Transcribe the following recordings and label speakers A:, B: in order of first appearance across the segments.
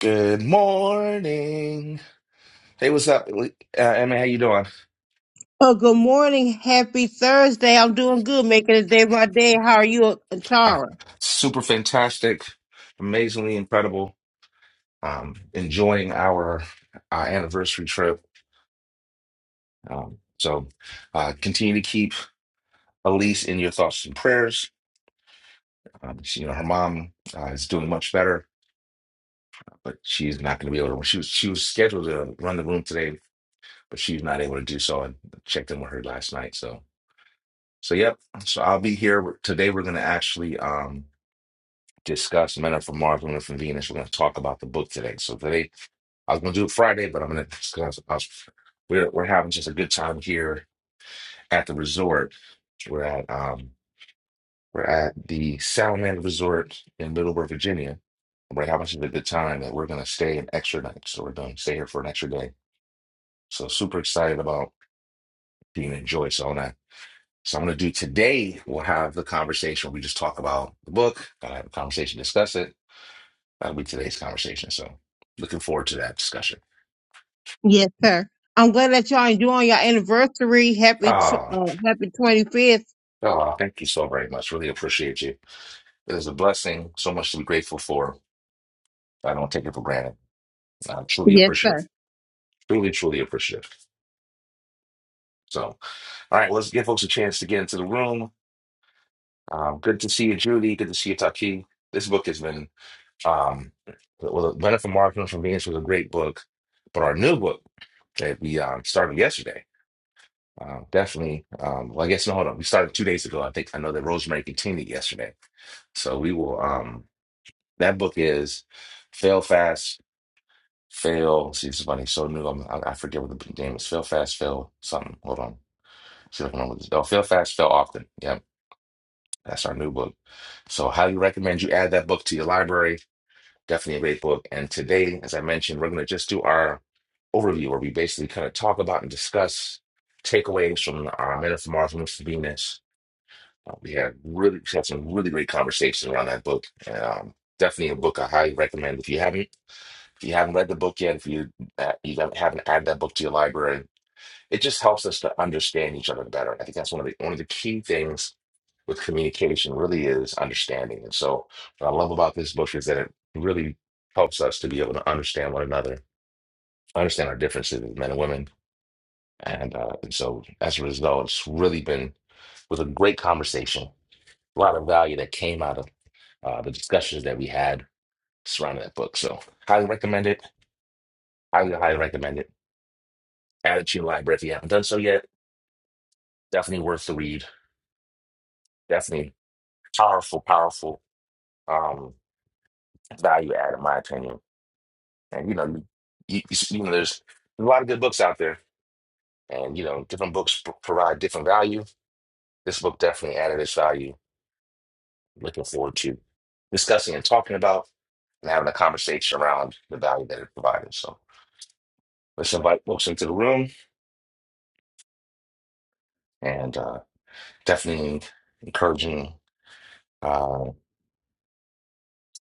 A: Good morning. Hey, what's up? Uh, Emma, how you doing?
B: Oh, good morning. Happy Thursday. I'm doing good, making this day my day. How are you,
A: Uh,
B: Tara?
A: super fantastic, amazingly incredible. Um, enjoying our uh, anniversary trip. Um, so uh, continue to keep Elise in your thoughts and prayers. Um, she, you know, her mom uh, is doing much better, but she's not going to be able to. She was she was scheduled to run the room today, but she's not able to do so. And checked in with her last night. So so yep. So I'll be here today. We're going to actually. um discuss Men Are from Mars, Women Are from Venus. We're going to talk about the book today. So today, I was going to do it Friday, but I'm going to discuss. I was, we're we're having just a good time here at the resort. We're at um we're at the Salamander Resort in Middleburg, Virginia. We're having such a good time that we're going to stay an extra night. So we're going to stay here for an extra day. So super excited about being enjoy. So I'm gonna so I'm gonna do today. We'll have the conversation. We just talk about the book. Gonna have a conversation, discuss it That'll be today's conversation. So looking forward to that discussion.
B: Yes, sir. I'm glad that y'all enjoying your anniversary. Happy tw-
A: Ah,
B: uh, happy 25th.
A: ah, thank you so very much. Really appreciate you. It is a blessing. So much to be grateful for. I don't take it for granted. I'm truly
B: Yes, sir.
A: appreciative. Truly, truly appreciative. So, all right, well, let's give folks a chance to get into the room. Um, good to see you, Judy. Good to see you, Taki. This book has been, um, well, Benefit Marketing from Venus was a great book, but our new book that we um, started yesterday Um, definitely. Um, well, I guess no, hold on. We started two days ago. I think I know that Rosemary continued yesterday. So we will. Um, that book is Fail Fast, Fail. See, it's funny. So new. I'm, I, I forget what the name is. Fail Fast, Fail something. Hold on. See if I can remember this. Oh, Fail Fast, Fail Often. Yep, that's our new book. So highly recommend you add that book to your library. Definitely a great book. And today, as I mentioned, we're going to just do our overview where we basically kind of talk about and discuss takeaways from our Men Are from Mars, Women Are from Venus Uh, we had really we had some really great conversations around that book. um, definitely a book I highly recommend. If you haven't if you haven't read the book yet, if you uh, you don't- haven't added that book to your library, it just helps us to understand each other better. I think that's one of the one of the key things with communication really is understanding. And so what I love about this book is that it really helps us to be able to understand one another, understand our differences as men and women. And, uh, and so as a result, it's really been was a great conversation a lot of value that came out of uh, the discussions that we had surrounding that book. So highly recommend it. Highly, highly recommend it. Add it to your library if you haven't done so yet. Definitely worth the read. Definitely powerful, powerful um, value add in my opinion. And you know, you, you, you know, there's a lot of good books out there, and you know, different books p- provide different value. This book definitely added its value. Looking forward to discussing and talking about and having a conversation around the value that it provided. So. Let's invite folks into the room and uh, definitely encouraging uh,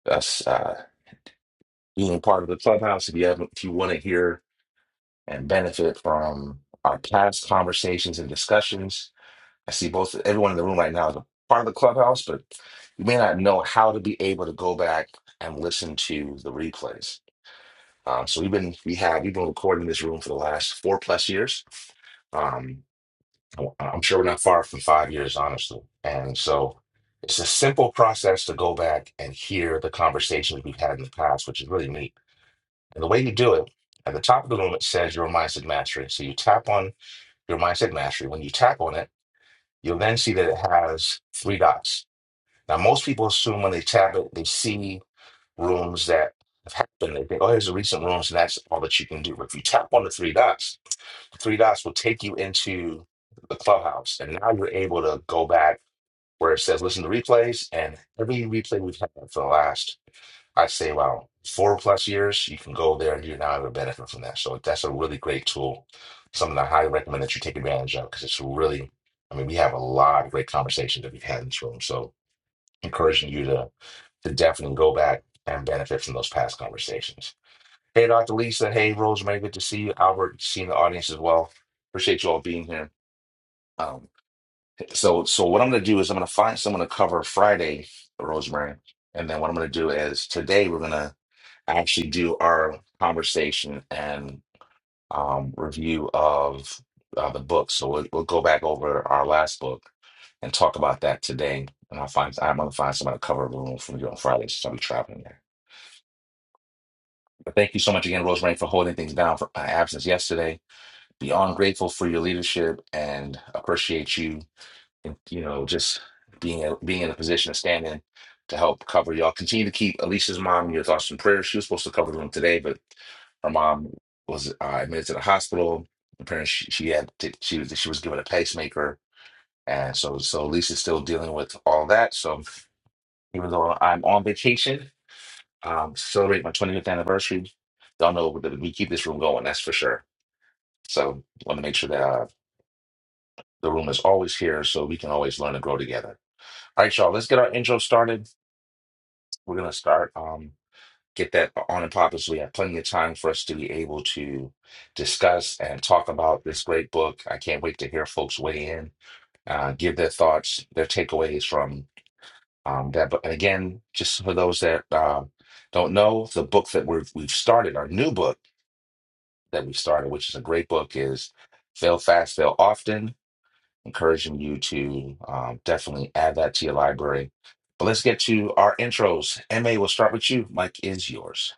A: us uh, being part of the clubhouse. If you haven't, if you want to hear and benefit from our past conversations and discussions, I see both everyone in the room right now is a part of the clubhouse, but you may not know how to be able to go back and listen to the replays. Um, so we've been we have we've been recording this room for the last four plus years. Um, I'm sure we're not far from five years, honestly. And so it's a simple process to go back and hear the conversations we've had in the past, which is really neat. And the way you do it, at the top of the room, it says your mindset mastery. So you tap on your mindset mastery. When you tap on it, you'll then see that it has three dots. Now, most people assume when they tap it, they see rooms that have happened. They think, oh, here's the recent rooms, and that's all that you can do. But if you tap on the three dots, three dots will take you into the clubhouse. And now you're able to go back where it says listen to replays. And every replay we've had for the last, I'd say about four plus years, you can go there and you're now able to benefit from that. So that's a really great tool. Something I highly recommend that you take advantage of because it's really, I mean, we have a lot of great conversations that we've had in this room. So encouraging you to to definitely go back and benefit from those past conversations. Hey, Dr. Lisa. Hey, Rosemary. Good to see you. Albert, seeing the audience as well. Appreciate you all being here. Um, so, so what I'm going to do is I'm going to find someone to cover Friday, Rosemary, and then what I'm going to do is today we're going to actually do our conversation and um, review of uh, the book. So we'll, we'll go back over our last book and talk about that today. And I'll find I'm going to find someone to cover a room from you on Friday since I'll be traveling there. But thank you so much again, Rosemary, for holding things down for my absence yesterday beyond grateful for your leadership and appreciate you and you know just being a, being in a position to stand in to help cover y'all continue to keep Alicia's mom in your thoughts and prayers she was supposed to cover the room today but her mom was uh, admitted to the hospital apparently she, she had to, she was she was given a pacemaker and so so Alicia's still dealing with all that so even though I'm on vacation um celebrate my 25th anniversary y'all know that we keep this room going that's for sure so want to make sure that uh, The room is always here, so we can always learn and grow together. All right, y'all, let's get our intro started. We're gonna start um get that on and popping so we have plenty of time for us to be able to discuss and talk about this great book. I can't wait to hear folks weigh in, uh, give their thoughts, their takeaways from um, that book. And again, just for those that uh, don't know, the book that we've we've started, our new book that we started, which is a great book, is Fail Fast, Fail Often encouraging you to um, definitely add that to your library. But let's get to our intros. MA, we'll start with you. Mike is yours.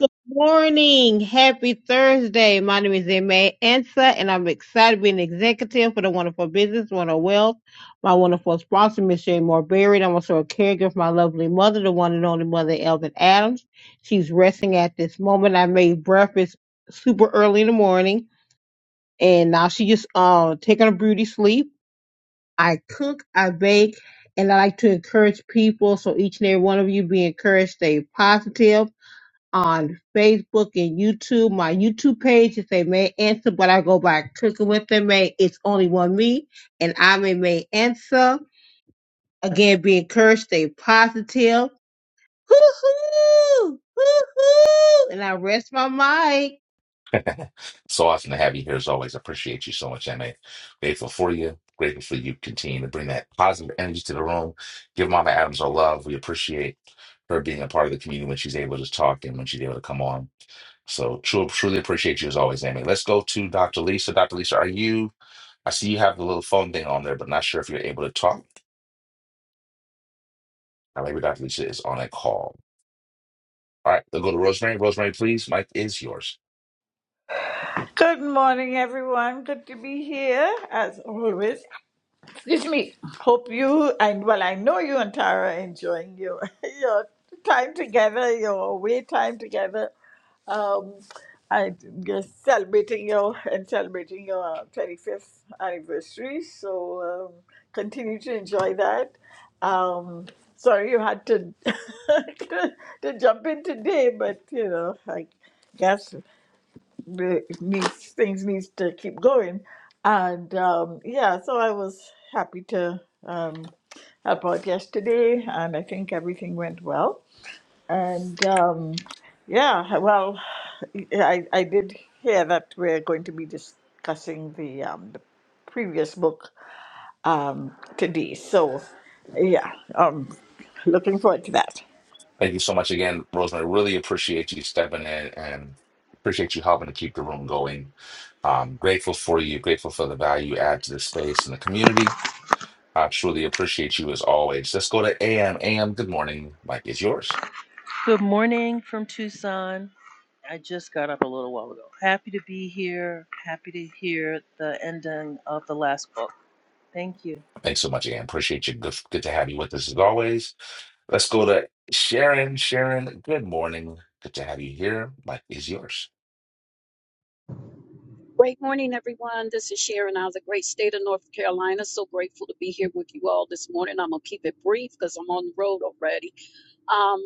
B: Good morning. Happy Thursday. My name is Emma Ansa, and I'm excited to be an executive for the Wonderful Business, Wonderful Wealth. My wonderful sponsor, Miss Jane Moore Berry. I'm also a caregiver for my lovely mother, the one and only mother, Elvin Adams. She's resting at this moment. I made breakfast super early in the morning, and now she just uh, taking a beauty sleep. I cook, I bake, and I like to encourage people. So each and every one of you be encouraged, stay positive on Facebook and YouTube. My YouTube page is a May Answer, but I go by Cooking with the May. It's only one me, and I'm a May Answer. Again, be encouraged, stay positive. Hoo-hoo! Hoo-hoo! And I rest my mic.
A: So awesome to have you here as always. Appreciate you so much, MA. Grateful for you. Grateful for you continuing to bring that positive energy to the room. Give Mama Adams our love. We appreciate her being a part of the community when she's able to talk and when she's able to come on. So truly, truly appreciate you as always, Amy. Let's go to Dr. Lisa. Dr. Lisa, are you? I see you have the little phone thing on there, but not sure if you're able to talk. Now, maybe Dr. Lisa is on a call. All right, we'll go to Rosemary. Rosemary, please. Mike is yours.
C: Good morning, everyone. Good to be here, as always. Excuse me. Hope you and well, I know you and Tara are enjoying your your time together, your away time together. Um, I you're celebrating your and celebrating your twenty fifth anniversary. So um, continue to enjoy that. Um, sorry you had to to, to jump in today, but you know, I guess the- needs things needs to keep going and um yeah so i was happy to um help out yesterday and i think everything went well and um yeah well i i did hear that we're going to be discussing the um the previous book um today so yeah um looking forward to that
A: Thank you so much again, Rosemary. Really appreciate you stepping in and appreciate you helping to keep the room going. Um, grateful for you. Grateful for the value you add to the space and the community. I truly appreciate you as always. Let's go to AM. AM, good morning. Mike is yours.
D: Good morning from Tucson. I just got up a little while ago. Happy to be here. Happy to hear the ending of the last book. Thank you.
A: Thanks so much, AM. Appreciate you. Good, good to have you with us as always. Let's go to Sharon. Sharon, good morning. Good to have you here. Mike is yours.
E: Great morning, everyone. This is Sharon out of the great state of North Carolina. So grateful to be here with you all this morning. I'm gonna keep it brief because I'm on the road already. Um,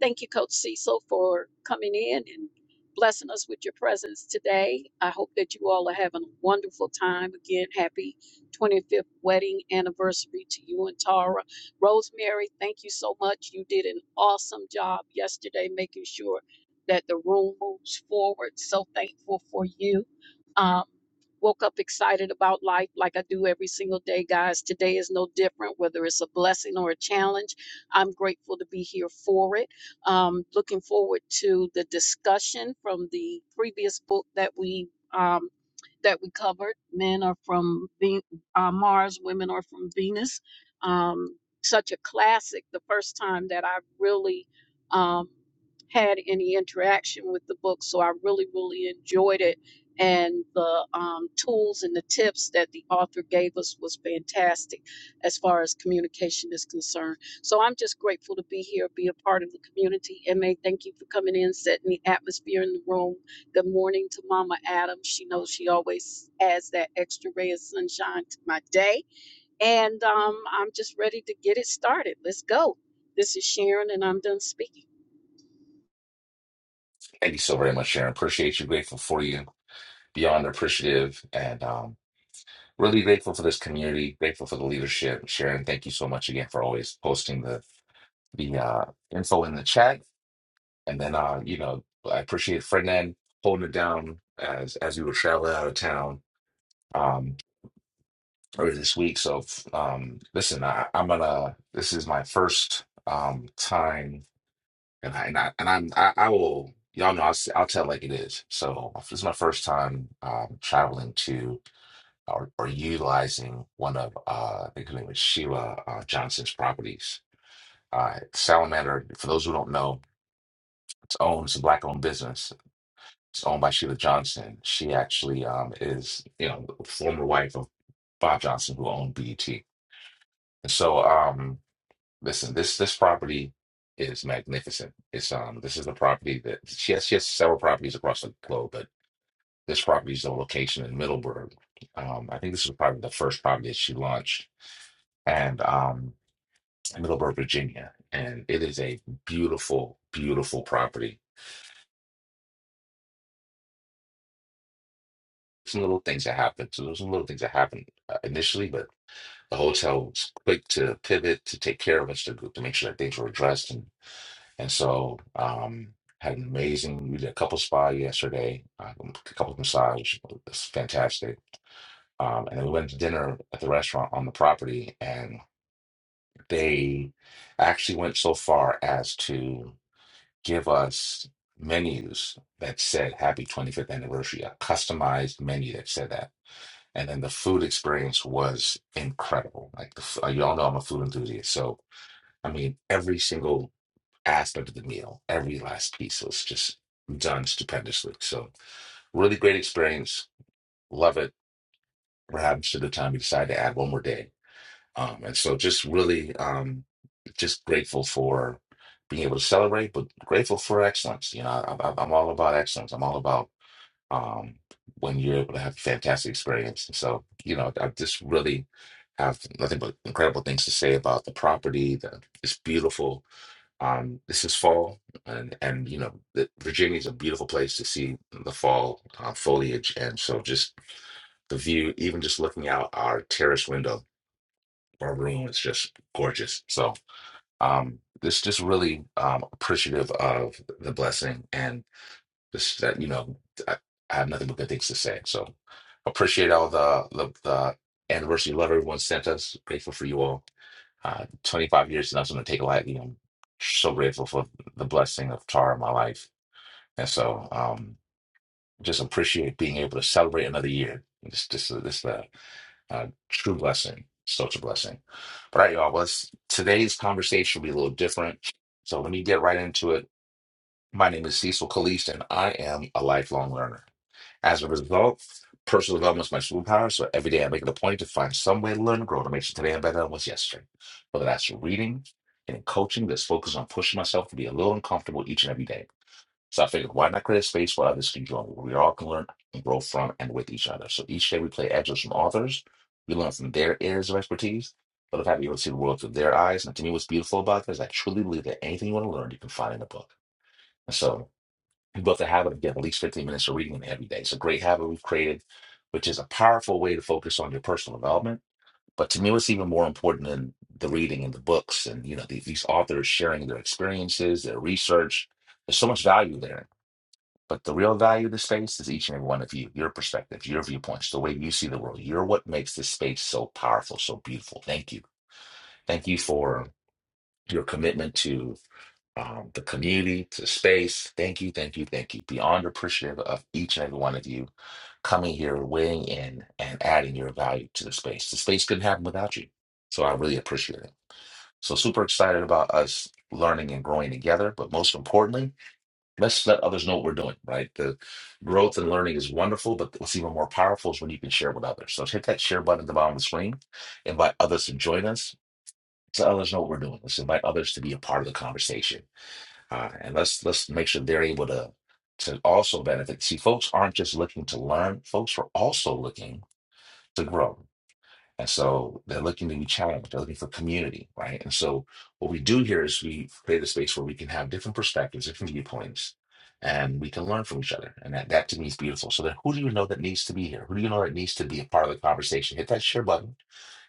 E: Thank you, Coach Cecil, for coming in and blessing us with your presence today. I hope that you all are having a wonderful time. Again, happy 25th wedding anniversary to you and Tara. Rosemary, thank you so much. You did an awesome job yesterday making sure that the room moves forward. So thankful for you. Um, woke up excited about life like I do every single day, guys. Today is no different, whether it's a blessing or a challenge. I'm grateful to be here for it. Um, looking forward to the discussion from the previous book that we um, that we covered. Men are from Ve- uh, Mars, women are from Venus. Um, such a classic. The first time that I really um, had any interaction with the book, so I really really enjoyed it. And the um, tools and the tips that the author gave us was fantastic as far as communication is concerned. So I'm just grateful to be here, be a part of the community. And may thank you for coming in, setting the atmosphere in the room. Good morning to Mama Adams. She knows she always adds that extra ray of sunshine to my day. And um, I'm just ready to get it started. Let's go. This is Sharon, and I'm done speaking.
A: Thank you so very much, Sharon. Appreciate you. Grateful for you. beyond appreciative and um, really grateful for this community, grateful for the leadership. Sharon, thank you so much again for always posting the the uh, info in the chat. And then, uh, you know, I appreciate Ferdinand holding it down as as we were traveling out of town um, earlier this week. So, f- um, listen, I, I'm gonna. This is my first um, time, and I and, I, and I'm I, I will. Y'all know I'll, s- I'll tell like it is. So this is my first time um, traveling to or, or utilizing one of uh, I think her name was Sheila uh, Johnson's properties. Uh, Salamander, for those who don't know, it's owned, it's a black-owned business. It's owned by Sheila Johnson. She actually um, is, you know, the former wife of Bob Johnson, who owned BET. And so, um, listen, this this property is magnificent. It's um, this is the property that she has. She has several properties across the globe, but this property is the location in Middleburg. Um, I think this was probably the first property that she launched, and um, Middleburg, Virginia, and it is a beautiful, beautiful property. Some little things that happened. So those are little things that happened uh, initially, but the hotel was quick to pivot to take care of us to to make sure that things were addressed, and and so um, had an amazing. We did a couple spa yesterday, uh, a couple massage. It's fantastic. Um, and then we went to dinner at the restaurant on the property, and they actually went so far as to give us menus that said happy 25th anniversary, a customized menu that said that. And then the food experience was incredible. Like, the, f- uh, y'all know I'm a food enthusiast. So, I mean, every single aspect of the meal, every last piece was just done stupendously. So, really great experience. Love it. Perhaps to the time we decide to add one more day um, and so just really um, just grateful for being able to celebrate, but grateful for excellence. You know, I, I, I'm all about excellence. I'm all about um, when you're able to have a fantastic experience. And so, you know, I just really have nothing but incredible things to say about the property. The, it's beautiful. Um, this is fall, and and you know, the, Virginia is a beautiful place to see the fall uh, foliage. And so, just the view, even just looking out our terrace window our room is just gorgeous. So um just just really um appreciative of the blessing and just that you know I, I have nothing but good things to say. So appreciate all the the, the anniversary love everyone sent us. Grateful for you all. Uh 25 years is not something to take lightly. I'm so grateful for the blessing of Tara in my life. And so um just appreciate being able to celebrate another year. Just just this uh, uh, true blessing, such a blessing. All right, y'all. Well, it's- today's conversation will be a little different. So let me get right into it. My name is Cecil Caliste, and I am a lifelong learner. As a result, personal development is my superpower. So every day I make it a point to find some way to learn and grow to make sure today I'm better than I was yesterday. Whether that's reading and coaching, that's focused on pushing myself to be a little uncomfortable each and every day. So I figured, why not create a space where others can join, where we all can learn and grow from and with each other. So each day we play excerpts from authors. We learn from their areas of expertise, but if have you able to see the world through their eyes. And to me, what's beautiful about this, I truly believe that anything you want to learn, you can find in a book. And so we built the habit of getting at least 15 minutes of reading every day. It's a great habit we've created, which is a powerful way to focus on your personal development. But to me, what's even more important than the reading and the books and you know the, these authors sharing their experiences, their research, there's so much value there. But the real value of the space is each and every one of you, your perspective, your viewpoints, the way you see the world. You're what makes this space so powerful, so beautiful. Thank you. Thank you for your commitment to um, the community, to space. Thank you, thank you, thank you. Beyond appreciative of each and every one of you coming here, weighing in, and adding your value to the space. The space couldn't happen without you. So I really appreciate it. So super excited about us learning and growing together. But most importantly, Let's let others know what we're doing, right? The growth and learning is wonderful, but what's even more powerful is when you can share with others. So hit that share button at the bottom of the screen. Invite others to join us. Let's let others know what we're doing. Let's invite others to be a part of the conversation, uh, and let's let's make sure they're able to to also benefit. See, folks aren't just looking to learn; folks are also looking to grow. And so they're looking to be challenged. they're looking for community, right? And so what we do here is we create a space where we can have different perspectives, different viewpoints, and we can learn from each other. And that, that to me is beautiful. So then who do you know that needs to be here? Who do you know that needs to be a part of the conversation? Hit that share button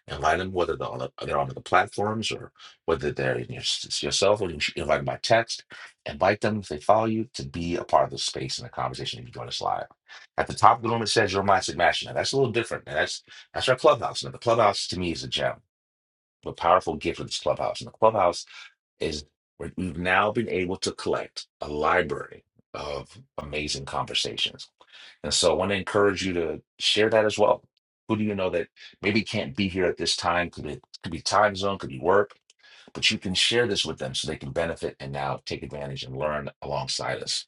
A: invite them whether they're on, the, they're on the platforms or whether they're in your, it's yourself or you should invite them by text. Invite them if they follow you to be a part of the space and the conversation if you join us live. At the top of the room, it says your mindset matching. Now that's a little different. Now that's that's our clubhouse. Now the clubhouse to me is a gem, a powerful gift of this clubhouse. And the clubhouse is we- we've now been able to collect a library of amazing conversations. And so I want to encourage you to share that as well. Who do you know that maybe can't be here at this time? Could it could be time zone, could be work, but you can share this with them so they can benefit and now take advantage and learn alongside us.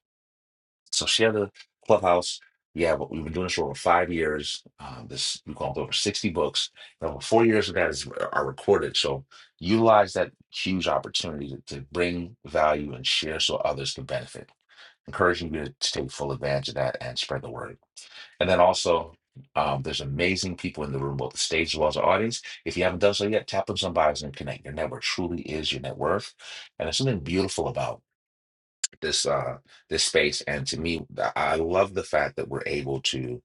A: So she had a clubhouse. Yeah, but we've been doing this for over five years. Um, this we call it over 60 books. And over four years of that is are recorded. So utilize that huge opportunity to, to bring value and share so others can benefit. Encouraging you to, to take full advantage of that and spread the word. And then also, um, there's amazing people in the room, both the stage as well as the audience. If you haven't done so yet, tap on some bios and connect. Your network truly is your net worth. And there's something beautiful about this uh this space and to me i love the fact that we're able to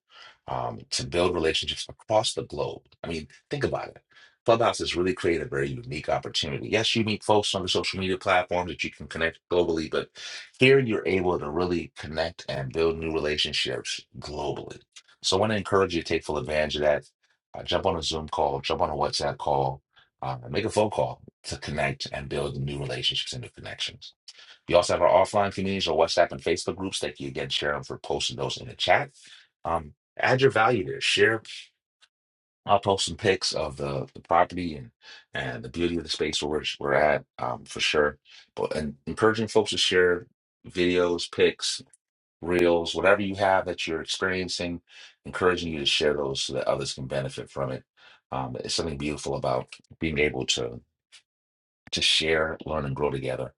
A: um to build relationships across the globe i mean think about it clubhouse has really created a very unique opportunity yes you meet folks on the social media platforms that you can connect globally but here you're able to really connect and build new relationships globally so i want to encourage you to take full advantage of that uh, jump on a zoom call jump on a whatsapp call uh, make a phone call to connect and build new relationships and new connections we also have our offline communities, or WhatsApp and Facebook groups that you again share them for posting those in the chat. Um, add your value there. Share. I'll post some pics of the, the property and and the beauty of the space where we're, we're at um, for sure. But and encouraging folks to share videos, pics, reels, whatever you have that you're experiencing. Encouraging you to share those so that others can benefit from it. Um, it's something beautiful about being able to to share, learn, and grow together.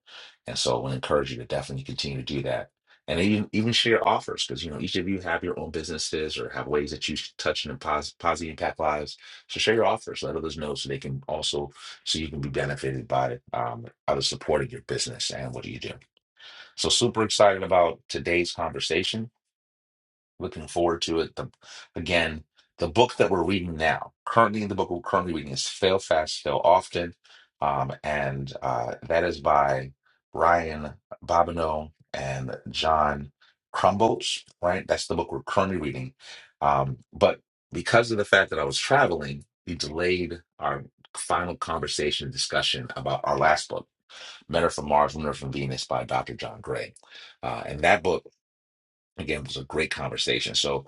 A: And so I want to encourage you to definitely continue to do that. And even even share offers because you know each of you have your own businesses or have ways that you touch and pos- positively impact lives. So share your offers, let others know so they can also so you can be benefited by it, um, others supporting your business and what do you do. So super excited about today's conversation looking forward to it. The, again, the book that we're reading now, currently the book we're currently reading is Fail Fast, Fail Often. Um, and uh, that is by Ryan Bobineau and John Crumbles, right? That's the book we're currently reading. Um, but because of the fact that I was traveling, we delayed our final conversation discussion about our last book, Men Are From Mars, Women Are From Venus by Dr. John Gray. Uh, and that book Again, it was a great conversation. So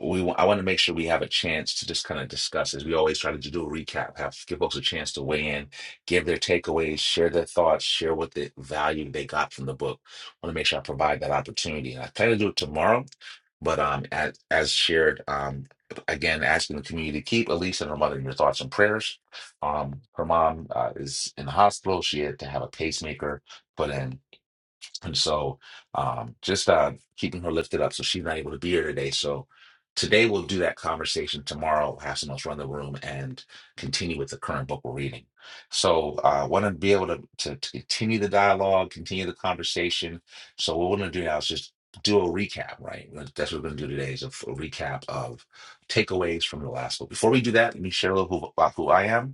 A: we wa- I want to make sure we have a chance to just kind of discuss as we always try to do a recap, have give folks a chance to weigh in, give their takeaways, share their thoughts, share what the value they got from the book. I want to make sure I provide that opportunity. And I plan to do it tomorrow, but um as as shared, um again asking the community to keep Elise and her mother in your thoughts and prayers. Um her mom uh, is in the hospital. She had to have a pacemaker put in. And so um, just uh, keeping her lifted up so she's not able to be here today. So today we'll do that conversation. Tomorrow we'll have someone else run the room and continue with the current book we're reading. So I uh, want to be able to, to, to continue the dialogue, continue the conversation. So what we're going to do now is just do a recap, right? That's what we're going to do today is a, f- a recap of takeaways from the last book. Before we do that, let me share a little who, about who I am.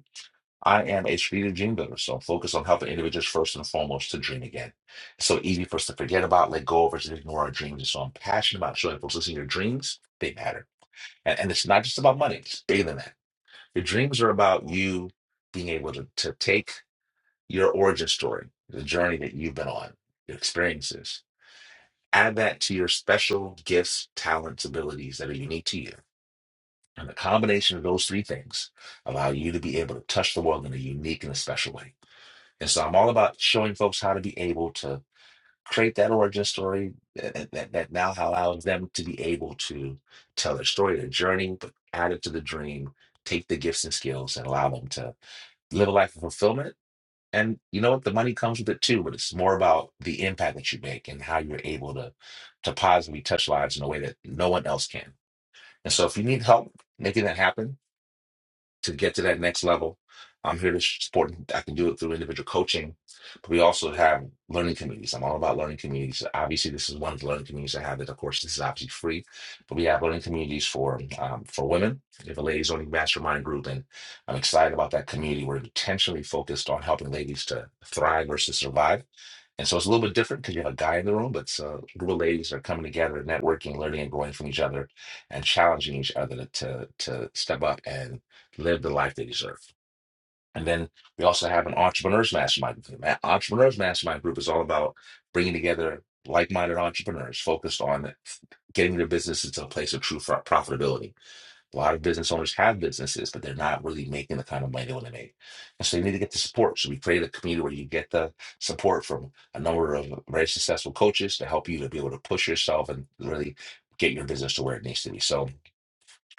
A: I am a strategic dream builder, so I'm focused on helping individuals first and foremost to dream again. It's so easy for us to forget about, let go of, or just ignore our dreams. And so I'm passionate about showing folks listening, your dreams, they matter. And, and it's not just about money, it's bigger than that. Your dreams are about you being able to, to take your origin story, the journey that you've been on, your experiences, add that to your special gifts, talents, abilities that are unique to you. And the combination of those three things allow you to be able to touch the world in a unique and a special way. And so I'm all about showing folks how to be able to create that origin story that, that, that now allows them to be able to tell their story, their journey, but add it to the dream, take the gifts and skills and allow them to live a life of fulfillment. And you know what? The money comes with it too, but it's more about the impact that you make and how you're able to to positively touch lives in a way that no one else can. And so if you need help making that happen, to get to that next level. I'm here to support. I can do it through individual coaching, but we also have learning communities. I'm all about learning communities. Obviously, this is one of the learning communities I have. That of course, this is obviously free, but we have learning communities for um, for women. We have a ladies only mastermind group, and I'm excited about that community. We're intentionally focused on helping ladies to thrive versus survive. And so it's a little bit different because you have a guy in the room, but it's a group of ladies that are coming together, networking, learning, and growing from each other, and challenging each other to to step up and live the life they deserve. And then we also have an entrepreneurs mastermind. group. The entrepreneurs mastermind group is all about bringing together like-minded entrepreneurs focused on getting their businesses to a place of true fro- profitability. A lot of business owners have businesses, but they're not really making the kind of money they want to make. And so they need to get the support. So we create a community where you get the support from a number of very successful coaches to help you to be able to push yourself and really get your business to where it needs to be. So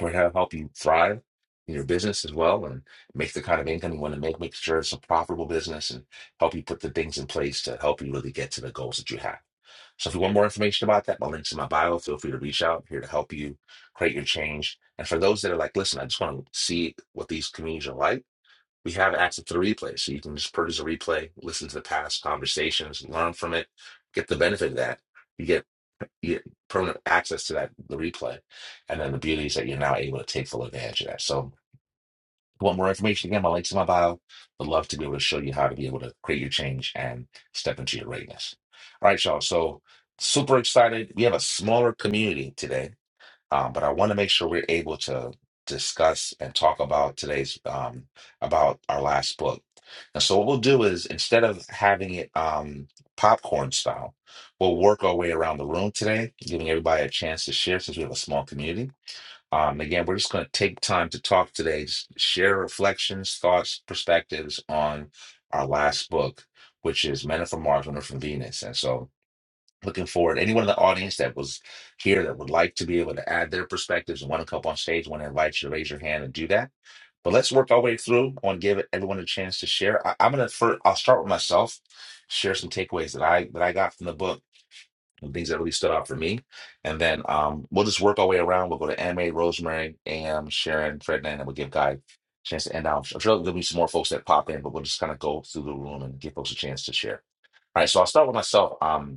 A: or have help you thrive in your business as well and make the kind of income you want to make, make sure it's a profitable business and help you put the things in place to help you really get to the goals that you have. So if you want more information about that, my link's in my bio. Feel free to reach out. I'm here to help you create your change. And for those that are like, listen, I just want to see what these communities are like we have access to the replay. So you can just purchase a replay, listen to the past conversations, learn from it, get the benefit of that. You get, you get permanent access to that the replay. And then the beauty is that you're now able to take full advantage of that. So if you want more information, again, my link's in my bio. Would love to be able to show you how to be able to create your change and step into your greatness. All right, y'all. So super excited. We have a smaller community today um, but I want to make sure we're able to discuss and talk about today's um, about our last book. And so what we'll do is instead of having it um, popcorn style, we'll work our way around the room today, giving everybody a chance to share since we have a small community. Um, again, we're just going to take time to talk today, s- share reflections, thoughts, perspectives on our last book, which is Men Are from Mars, Women Are from Venus. And so looking forward. Anyone in the audience that was here that would like to be able to add their perspectives and want to come up on stage, want to invite you to raise your hand and do that. But let's work our way through. I want to give everyone a chance to share. I, I'm gonna first, I'll start with myself, share some takeaways that I that I got from the book and things that really stood out for me. And then um, we'll just work our way around. We'll go to Anne Rosemary, AM, Sharon, Ferdinand, and we'll give Guy a chance to end out. I'm sure there'll be some more folks that pop in, but we'll just kind of go through the room and give folks a chance to share. All right, so I'll start with myself. Um,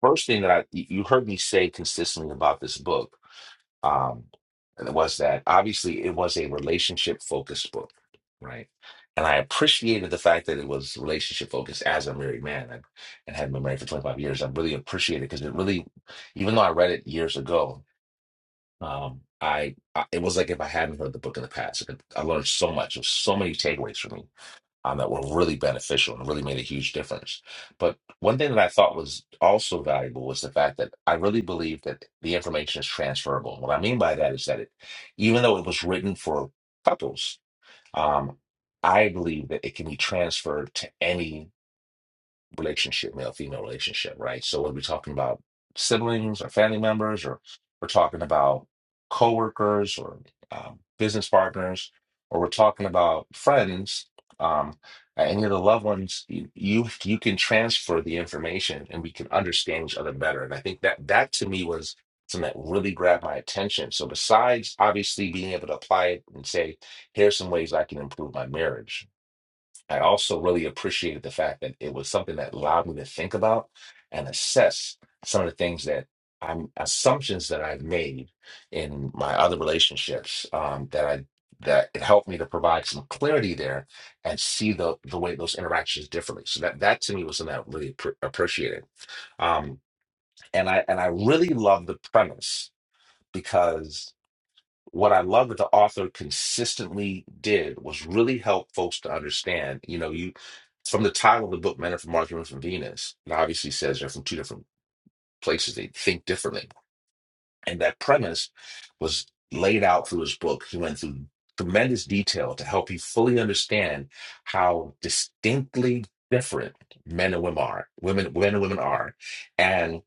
A: first thing that I you heard me say consistently about this book um, was that obviously it was a relationship focused book, right? And I appreciated the fact that it was relationship focused as a married man and, and had been married for 25 years. I really appreciated it because it really, even though I read it years ago, um, I, I it was like if I hadn't heard the book in the past. Like, I learned so much. There was so many takeaways for me um, that were really beneficial and really made a huge difference. But one thing that I thought was also valuable was the fact that I really believe that the information is transferable. What I mean by that is that it, even though it was written for couples, um, I believe that it can be transferred to any relationship, male female relationship, right? So whether we're talking about siblings or family members, or we're talking about coworkers or um, business partners, or we're talking about friends, um, and any of the loved ones, you, you you can transfer the information, and we can understand each other better. And I think that that to me was something that really grabbed my attention. So besides obviously being able to apply it and say, here's some ways I can improve my marriage I also really appreciated the fact that it was something that allowed me to think about and assess some of the things that I'm assumptions that I've made in my other relationships um, that I that it helped me to provide some clarity there and see the the way those interactions differently. So that that to me was something that I really appre- appreciated. Um, and I and I really love the premise because what I love that the author consistently did was really help folks to understand. You know, you from the title of the book, Men Are from Mars, Women Are from Venus, it obviously says they're from two different places. They think differently, and that premise was laid out through his book. He went through tremendous detail to help you fully understand how distinctly different men and women are. Women, men and women are, and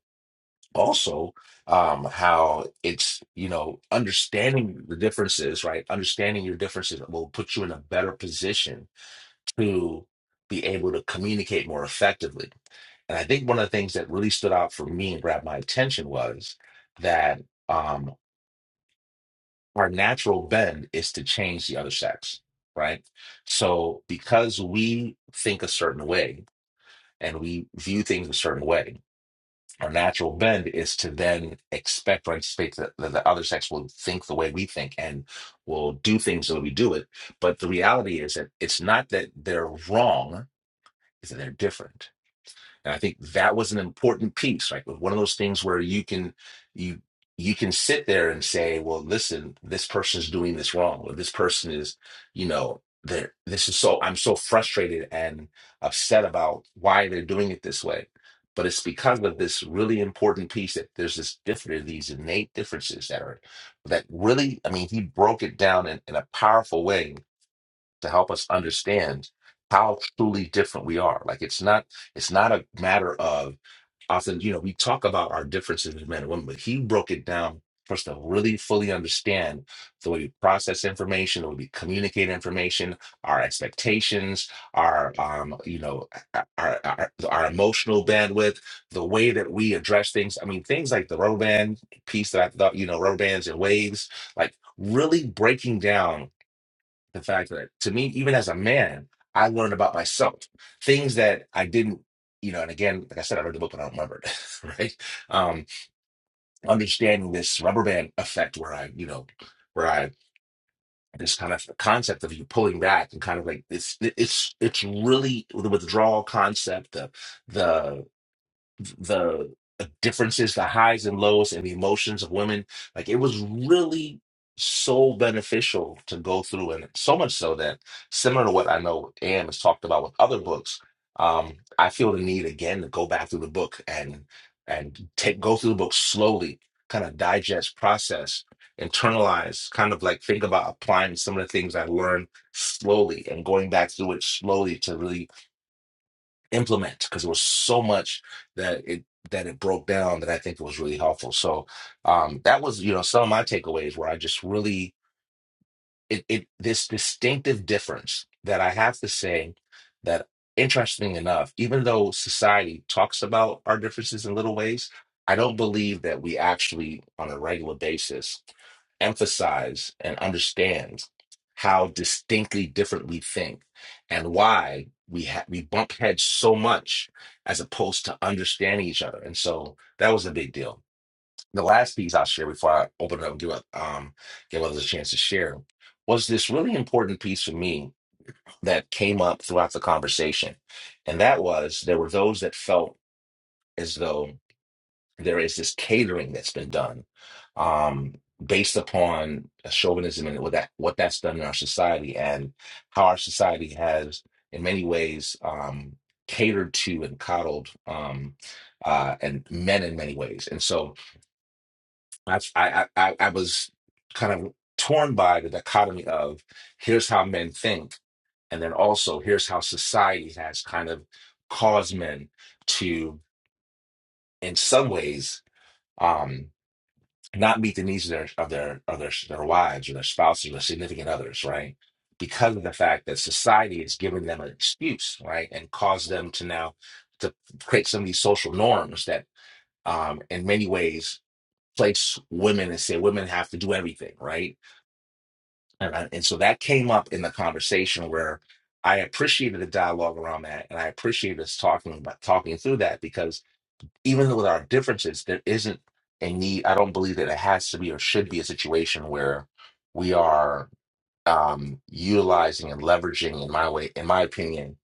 A: also um how it's you know understanding the differences right understanding your differences will put you in a better position to be able to communicate more effectively and i think one of the things that really stood out for me and grabbed my attention was that um our natural bend is to change the other sex right so because we think a certain way and we view things a certain way our natural bend is to then expect or anticipate that, that the other sex will think the way we think and will do things the way we do it. But the reality is that it's not that they're wrong, it's that they're different and I think that was an important piece, right? It was One of those things where you can you you can sit there and say, well, listen, this person's doing this wrong, or this person is, you know, they're this is so I'm so frustrated and upset about why they're doing it this way. But it's because of this really important piece that there's this different these innate differences that are that really, I mean, he broke it down in, in a powerful way to help us understand how truly different we are. Like it's not it's not a matter of often, you know, we talk about our differences as men and women, but he broke it down for us to really fully understand the way we process information, the way we communicate information, our expectations, our um, you know, our, our our emotional bandwidth, the way that we address things. I mean, things like the rubber band piece that I thought, you know, rubber bands and waves, like really breaking down the fact that to me, even as a man, I learned about myself things that I didn't, you know. And again, like I said, I read the book, but I don't remember it, right? Um, understanding this rubber band effect, where I, you know, where I this kind of concept of you pulling back and kind of like it's it's it's really the withdrawal concept, the the the differences, the highs and lows, and the emotions of women. Like it was really so beneficial to go through, and so much so that similar to what I know Anne has talked about with other books, um, I feel the need again to go back through the book and and take go through the book slowly, kind of digest, process, internalize, kind of like think about applying some of the things I learned slowly and going back through it slowly to really implement because there was so much that it that it broke down that I think it was really helpful. So um, that was you know some of my takeaways where I just really it, it this distinctive difference that I have to say that interesting enough, even though society talks about our differences in little ways, I don't believe that we actually on a regular basis emphasize and understand how distinctly different we think and why we ha- we bump heads so much as opposed to understanding each other. And so that was a big deal the last piece I'll share before I open it up and give, um, give others a chance to share was this really important piece for me that came up throughout the conversation. And that was there were those that felt as though there is this catering that's been done um, based upon chauvinism and what, that, what that's done in our society and how our society has, in many ways, um, catered to and coddled um, uh, and men in many ways. And so that's I I I I was kind of torn by the dichotomy of here's how men think, and then also here's how society has kind of caused men to, in some ways, um, not meet the needs of their of their of their, their wives or their spouses or their significant others, right? Because of the fact that society has given them an excuse, right, and caused them to now to create some of these social norms that, um, in many ways, place women and say women have to do everything, right? And, I- and so that came up in the conversation where I appreciated the dialogue around that, and I appreciated us talking about talking through that because even though with our differences, there isn't a need. I don't believe that it has to be or should be a situation where we are um, utilizing and leveraging, in my way, in my opinion,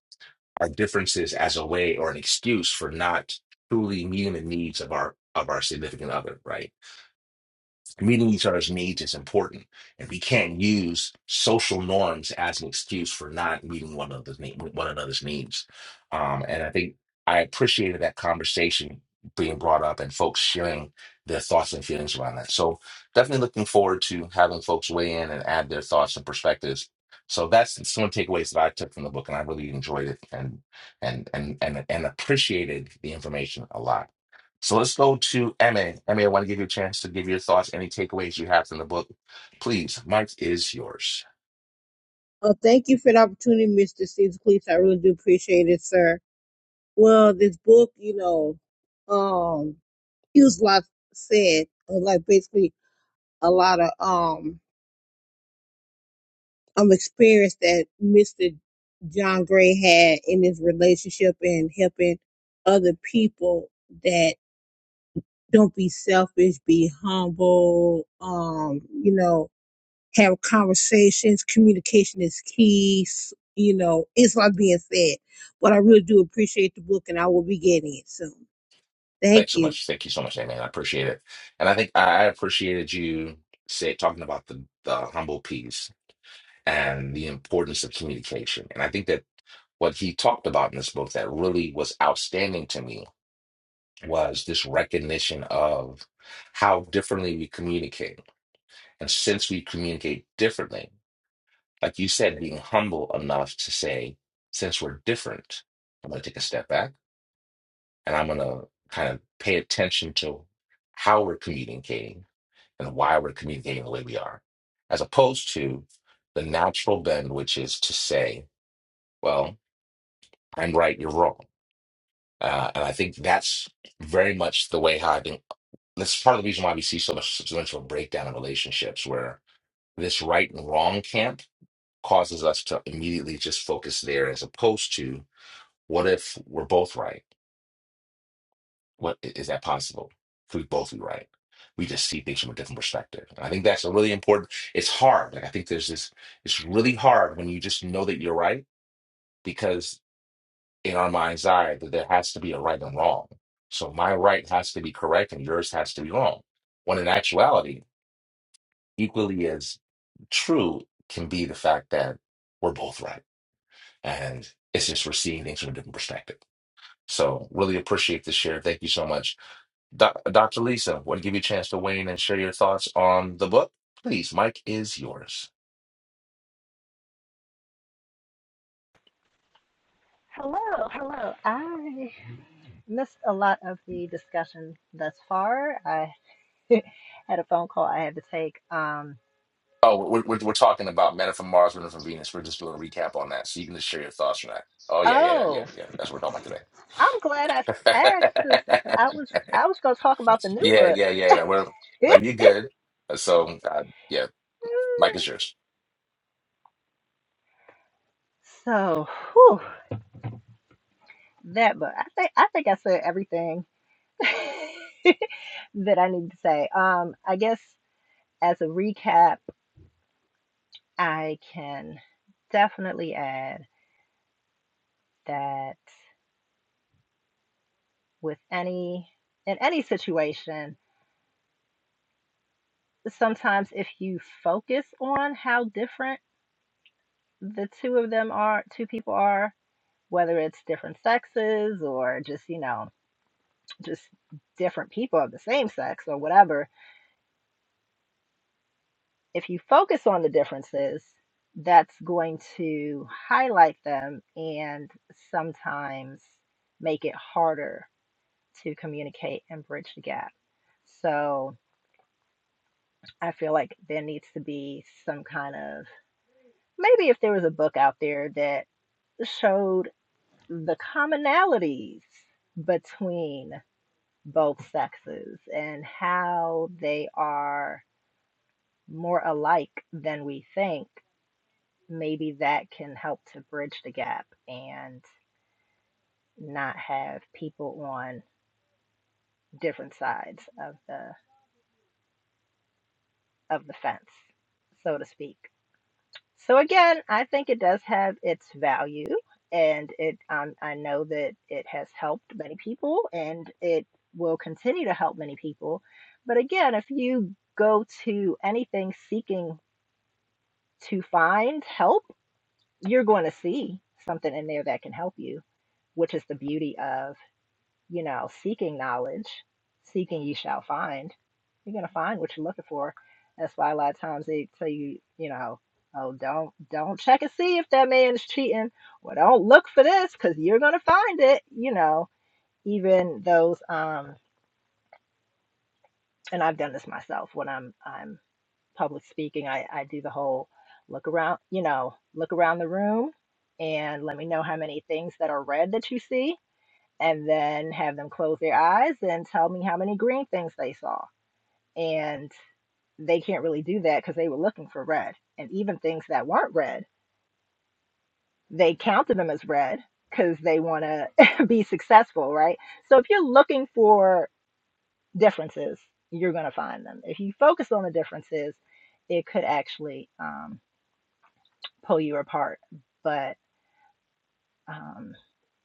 A: our differences as a way or an excuse for not truly meeting the needs of our of our significant other, right? meeting each other's needs is important, and we can't use social norms as an excuse for not meeting one another's need, one another's needs. Um, and I think I appreciated that conversation being brought up and folks sharing their thoughts and feelings around that. So definitely looking forward to having folks weigh in and add their thoughts and perspectives. So that's some of the takeaways that I took from the book, and I really enjoyed it and and and and and appreciated the information a lot. So let's go to MA. MA, I want to give you a chance to give your thoughts, any takeaways you have from the book. Please, Mike is yours.
B: Well, thank you for the opportunity, Mr. Caesar Cleese. I really do appreciate it, sir. Well, this book, you know, um, he was like said, uh, like basically a lot of um um experience that Mr. John Gray had in his relationship and helping other people that don't be selfish, be humble, um, you know, have conversations, communication is key, s- you know, it's like being said. But I really do appreciate the book and I will be getting it soon. Thank
A: Thanks so
B: you.
A: much. Thank you so much, MA. I appreciate it. And I think I I appreciated you say talking about the, the humble piece and the importance of communication. And I think that what he talked about in this book that really was outstanding to me was this recognition of how differently we communicate. And since we communicate differently, like you said, being humble enough to say, since we're different, I'm going to take a step back and I'm going to kind of pay attention to how we're communicating and why we're communicating the way we are, as opposed to the natural bend, which is to say, well, I'm right, you're wrong. Uh, and I think that's very much the way how I think that's part of the reason why we see so much, so much of a breakdown in relationships where this right and wrong camp causes us to immediately just focus there as opposed to What if we're both right? What i- is that possible? If we both be right, we just see things from a different perspective. And I think that's a really important. It's hard. Like I think there's this. It's really hard when you just know that you're right because in our mind's eye that there has to be a right and wrong. So my right has to be correct and yours has to be wrong. When in actuality, equally as true can be the fact that we're both right. And it's just we're seeing things from a different perspective. So really appreciate the share. Thank you so much. Doc, Dr. Lisa, want to give you a chance to weigh in and share your thoughts on the book? Please, Mike is yours.
F: Hello, hello. I missed a lot of the discussion thus far. I had a phone call I had to take. Um,
A: Oh, we're, we're, we're talking about Men Are from Mars, Women Are from Venus. We're just doing a recap on that, so you can just share your thoughts on that. Oh yeah, yeah, yeah, yeah,
F: oh,
A: yeah. That's what we're talking
F: I'm glad I
A: about
F: asked because
A: today.
F: I was I was going to talk about the new
A: yeah,
F: book.
A: yeah, yeah. No, we're like you good. Uh, So uh, yeah, Mike is yours.
F: so, whew, that book. I think I think I said everything that I need to say. Um, I guess as a recap, I can definitely add that with any in any situation sometimes if you focus on how different the two of them are, two people are, whether it's different sexes or just, you know, just different people of the same sex or whatever, if you focus on the differences, that's going to highlight them and sometimes make it harder to communicate and bridge the gap. So I feel like there needs to be some kind of maybe if there was a book out there that showed the commonalities between both sexes and how they are more alike than we think. Maybe that can help to bridge the gap and not have people on different sides of the of the fence, so to speak. So again, I think it does have its value, and it um, I know that it has helped many people, and it will continue to help many people. But again, if you go to anything seeking to find help, you're going to see something in there that can help you, which is the beauty of you know, seeking knowledge, seeking ye shall find. You're gonna find what you're looking for. That's why a lot of times they tell you, you know, oh don't don't check and see if that man is cheating, Well, don't look for this because you're gonna find it. You know, even those um, and I've done this myself when I'm I'm public speaking. I I do the whole look around, you know, look around the room, and let me know how many things that are red that you see and then have them close their eyes and tell me how many green things they saw. And they can't really do that because they were looking for red. And even things that weren't red, they counted them as red because they want to be successful, right? So if you're looking for differences, you're going to find them. If you focus on the differences, it could actually um, pull you apart. But um,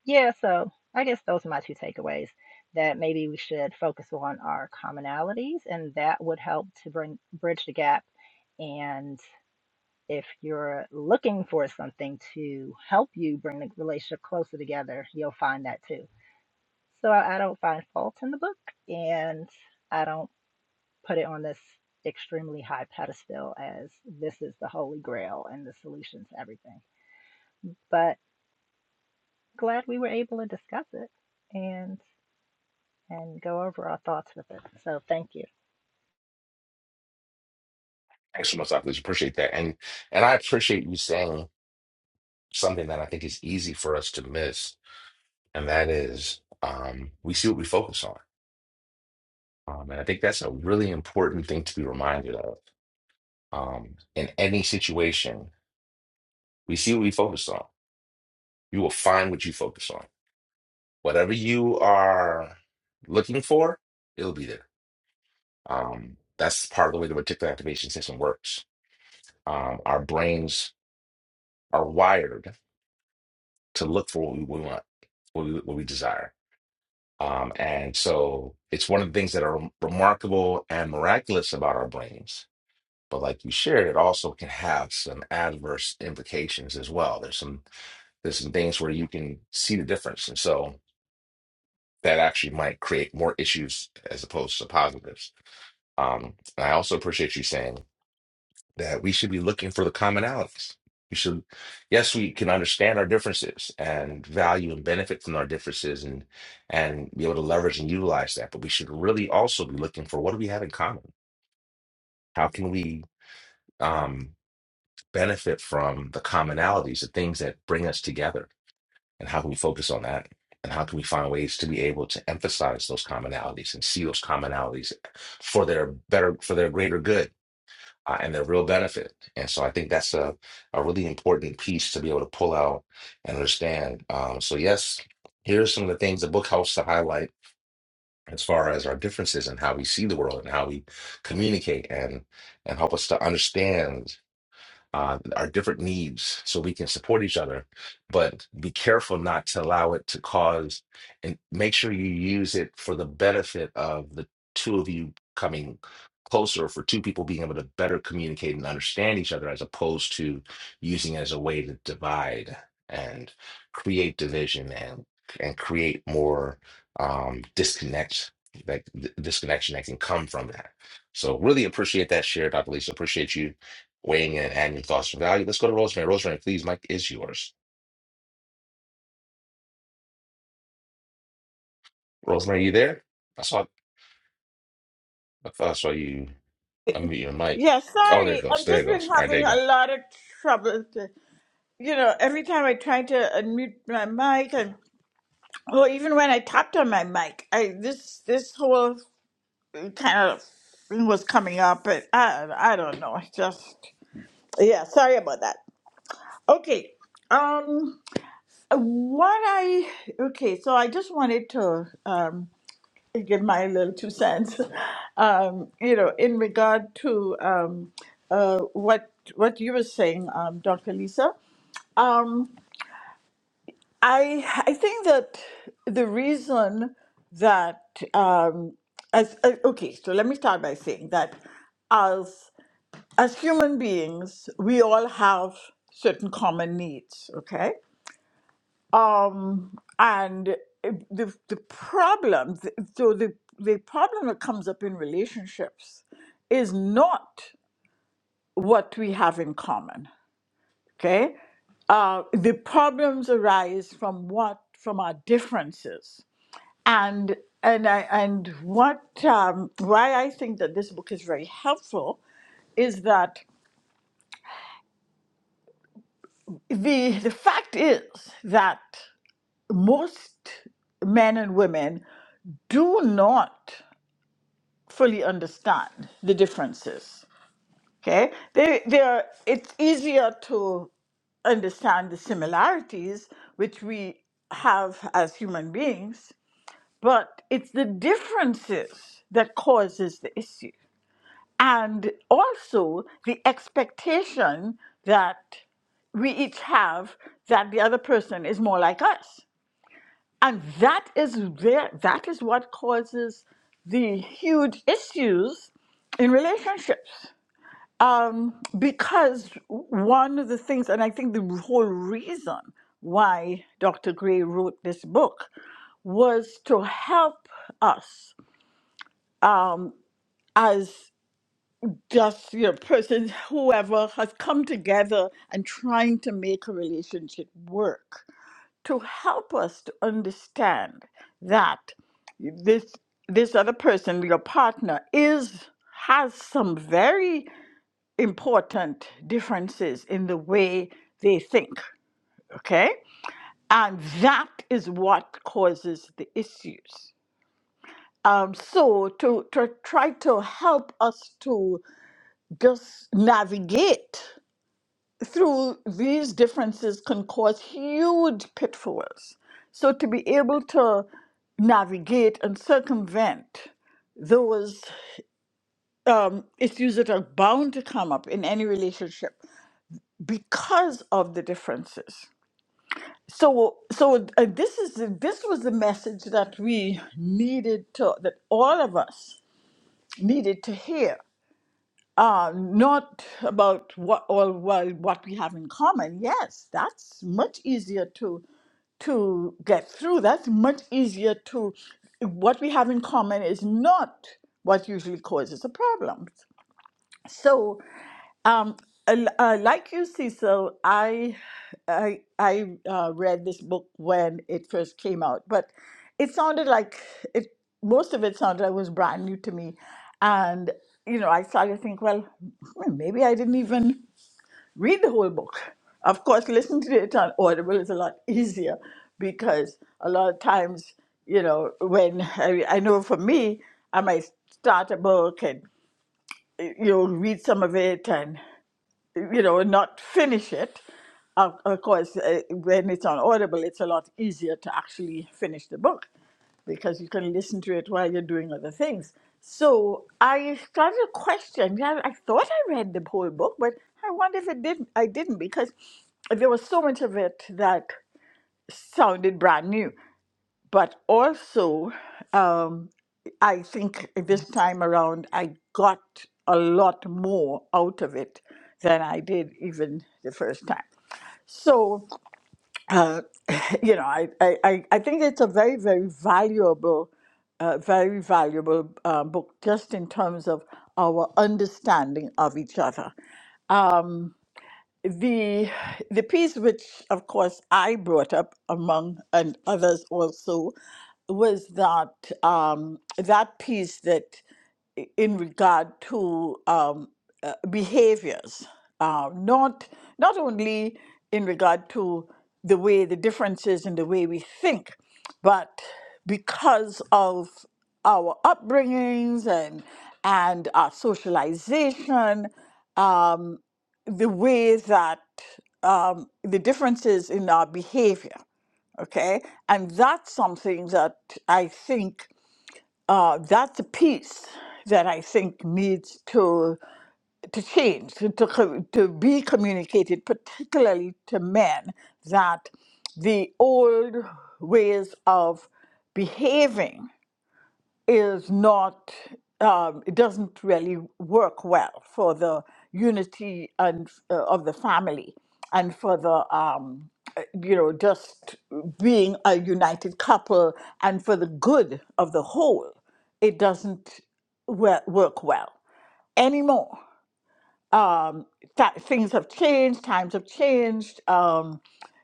F: Yeah, so I guess those are my two takeaways that maybe we should focus on our commonalities, and that would help to bring bridge the gap. And if you're looking for something to help you bring the relationship closer together, you'll find that too. So I, I don't find fault in the book, and I don't put it on this extremely high pedestal as this is the holy grail and the solution to everything. But glad we were able to discuss it. And and go over our thoughts with it. So thank you.
A: Thanks so much, Dr. Lisa. Appreciate that, and and I appreciate you saying something that I think is easy for us to miss, and that is um, we see what we focus on Um, and I think that's a really important thing to be reminded of. Um, in any situation, we see what we focus on. You will find what you focus on. Whatever you are looking for, it'll be there. Um, that's part of the way the reticular activation system works. Um, our brains are wired to look for what we want, what we, what we desire. Um, and so it's one of the things that are remarkable and miraculous about our brains But like you shared, it also can have some adverse implications as well. There's some there's some things where you can see the difference, and so that actually might create more issues as opposed to positives. Um, and I also appreciate you saying that we should be looking for the commonalities. We should, yes, we can understand our differences and value and benefit from our differences and and be able to leverage and utilize that. But we should really also be looking for what do we have in common? How can we? um benefit from the commonalities, the things that bring us together, and how can we focus on that? And how can we find ways to be able to emphasize those commonalities and see those commonalities for their better, for their greater good uh, and their real benefit? And so I think that's a, a really important piece to be able to pull out and understand. Um, so, yes, here's some of the things the book helps to highlight as far as our differences and how we see the world and how we communicate and and help us to understand uh, our different needs so we can support each other. But be careful not to allow it to cause, and make sure you use it for the benefit of the two of you coming closer, for two people being able to better communicate and understand each other, as opposed to using it as a way to divide and create division and and create more um, disconnect, like th- disconnection that can come from that. So really appreciate that share, Dr. Lisa. Appreciate you weighing in and your thoughts and value. Let's go to Rosemary. Rosemary, please, Mike is yours. Rosemary, you there? I saw I thought I saw you unmute your mic.
C: yeah
A: Oh, there it
C: sorry
A: goes.
C: i've
A: There
C: just
A: it
C: been
A: goes. All right, there
C: having
A: you go.
C: a lot of trouble you know, every time I try to unmute my mic, and well, even when I tapped on my mic, I this this whole kind of thing was coming up, but I I don't know. It's just yeah. Sorry about that. Okay. Um. What I okay. So I just wanted to um give my little two cents. Um. You know, in regard to um uh what what you were saying, um, Dr. Lisa. um. I I think that the reason that um, as uh, okay, so let me start by saying that as as human beings, we all have certain common needs. Okay, um, and the the problem, so the the problem that comes up in relationships is not what we have in common. Okay, uh, the problems arise from what from our differences and and I and what um, why I think that this book is very helpful is that the the fact is that most men and women do not fully understand the differences. Okay, they they are. It's easier to understand the similarities which we have as human beings, but it's the differences that causes the issue. and also the expectation that we each have that the other person is more like us and that is there that is what causes the huge issues in relationships um, because one of the things and i think the whole reason why dr gray wrote this book was to help us um, as just your person, whoever has come together and trying to make a relationship work to help us to understand that this this other person, your partner, is has some very important differences in the way they think. Okay, and that is what causes the issues. Um, so to to try to help us to just navigate through these differences can cause huge pitfalls. So to be able to navigate and circumvent those um, issues that are bound to come up in any relationship because of the differences. So, so uh, this is the, this was the message that we needed to that all of us needed to hear uh, not about what all well what we have in common. Yes, that's much easier to to get through. That's much easier to what we have in common is not what usually causes the problems. So, um, l- uh, like you, Cecil, I, I, I uh, read this book when it first came out, but it sounded like it. Most of it sounded like it was brand new to me, and you know, I started to think, well, hmm, maybe I didn't even read the whole book. Of course, listening to it on Audible is a lot easier because a lot of times, you know, when I, I know for me, I might start a book and. You'll read some of it and, you know, not finish it. Of, of course, uh, when it's on Audible, it's a lot easier to actually finish the book because you can listen to it while you're doing other things. So I started to question. yeah, I thought I read the whole book, but I wonder if it didn't. I didn't because there was so much of it that sounded brand new but also um, I think this time around I got a lot more out of it than I did even the first time. So, uh, you know, I, I, I I think it's a very, very valuable, uh, very valuable uh, book just in terms of our understanding of each other. Um, the the piece which of course I brought up among and others also was that um, that piece that i- in regard to um, uh, behaviors uh, not not only in regard to the way the differences in the way we think but because of our upbringings and and our socialization um, the way that um, the differences in our behavior, okay? And that's something that I think uh, that's a piece that I think needs to to change, to, to, co- to be communicated, particularly to men, that the old ways of behaving is not um, it doesn't really work well for the unity and uh, of the family and for the um, uh, you know just being a united couple and for the good of the whole it doesn't we- work well anymore um, th- things have changed times have changed Um,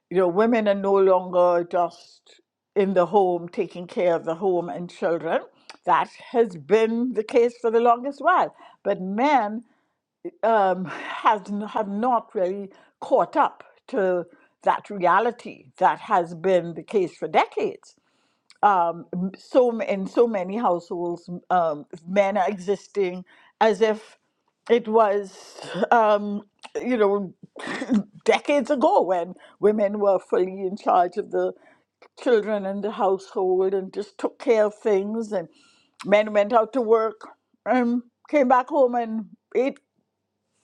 C: you know, women are no longer just in the home taking care of the home and children. That has been the case for the longest while. But men um, has, n- have not really caught up to that reality that has been the case for decades um, so in so many households, um, men are existing as if it was, um, you know, decades ago when women were fully in charge of the children and the household and just took care of things, and men went out to work and came back home and ate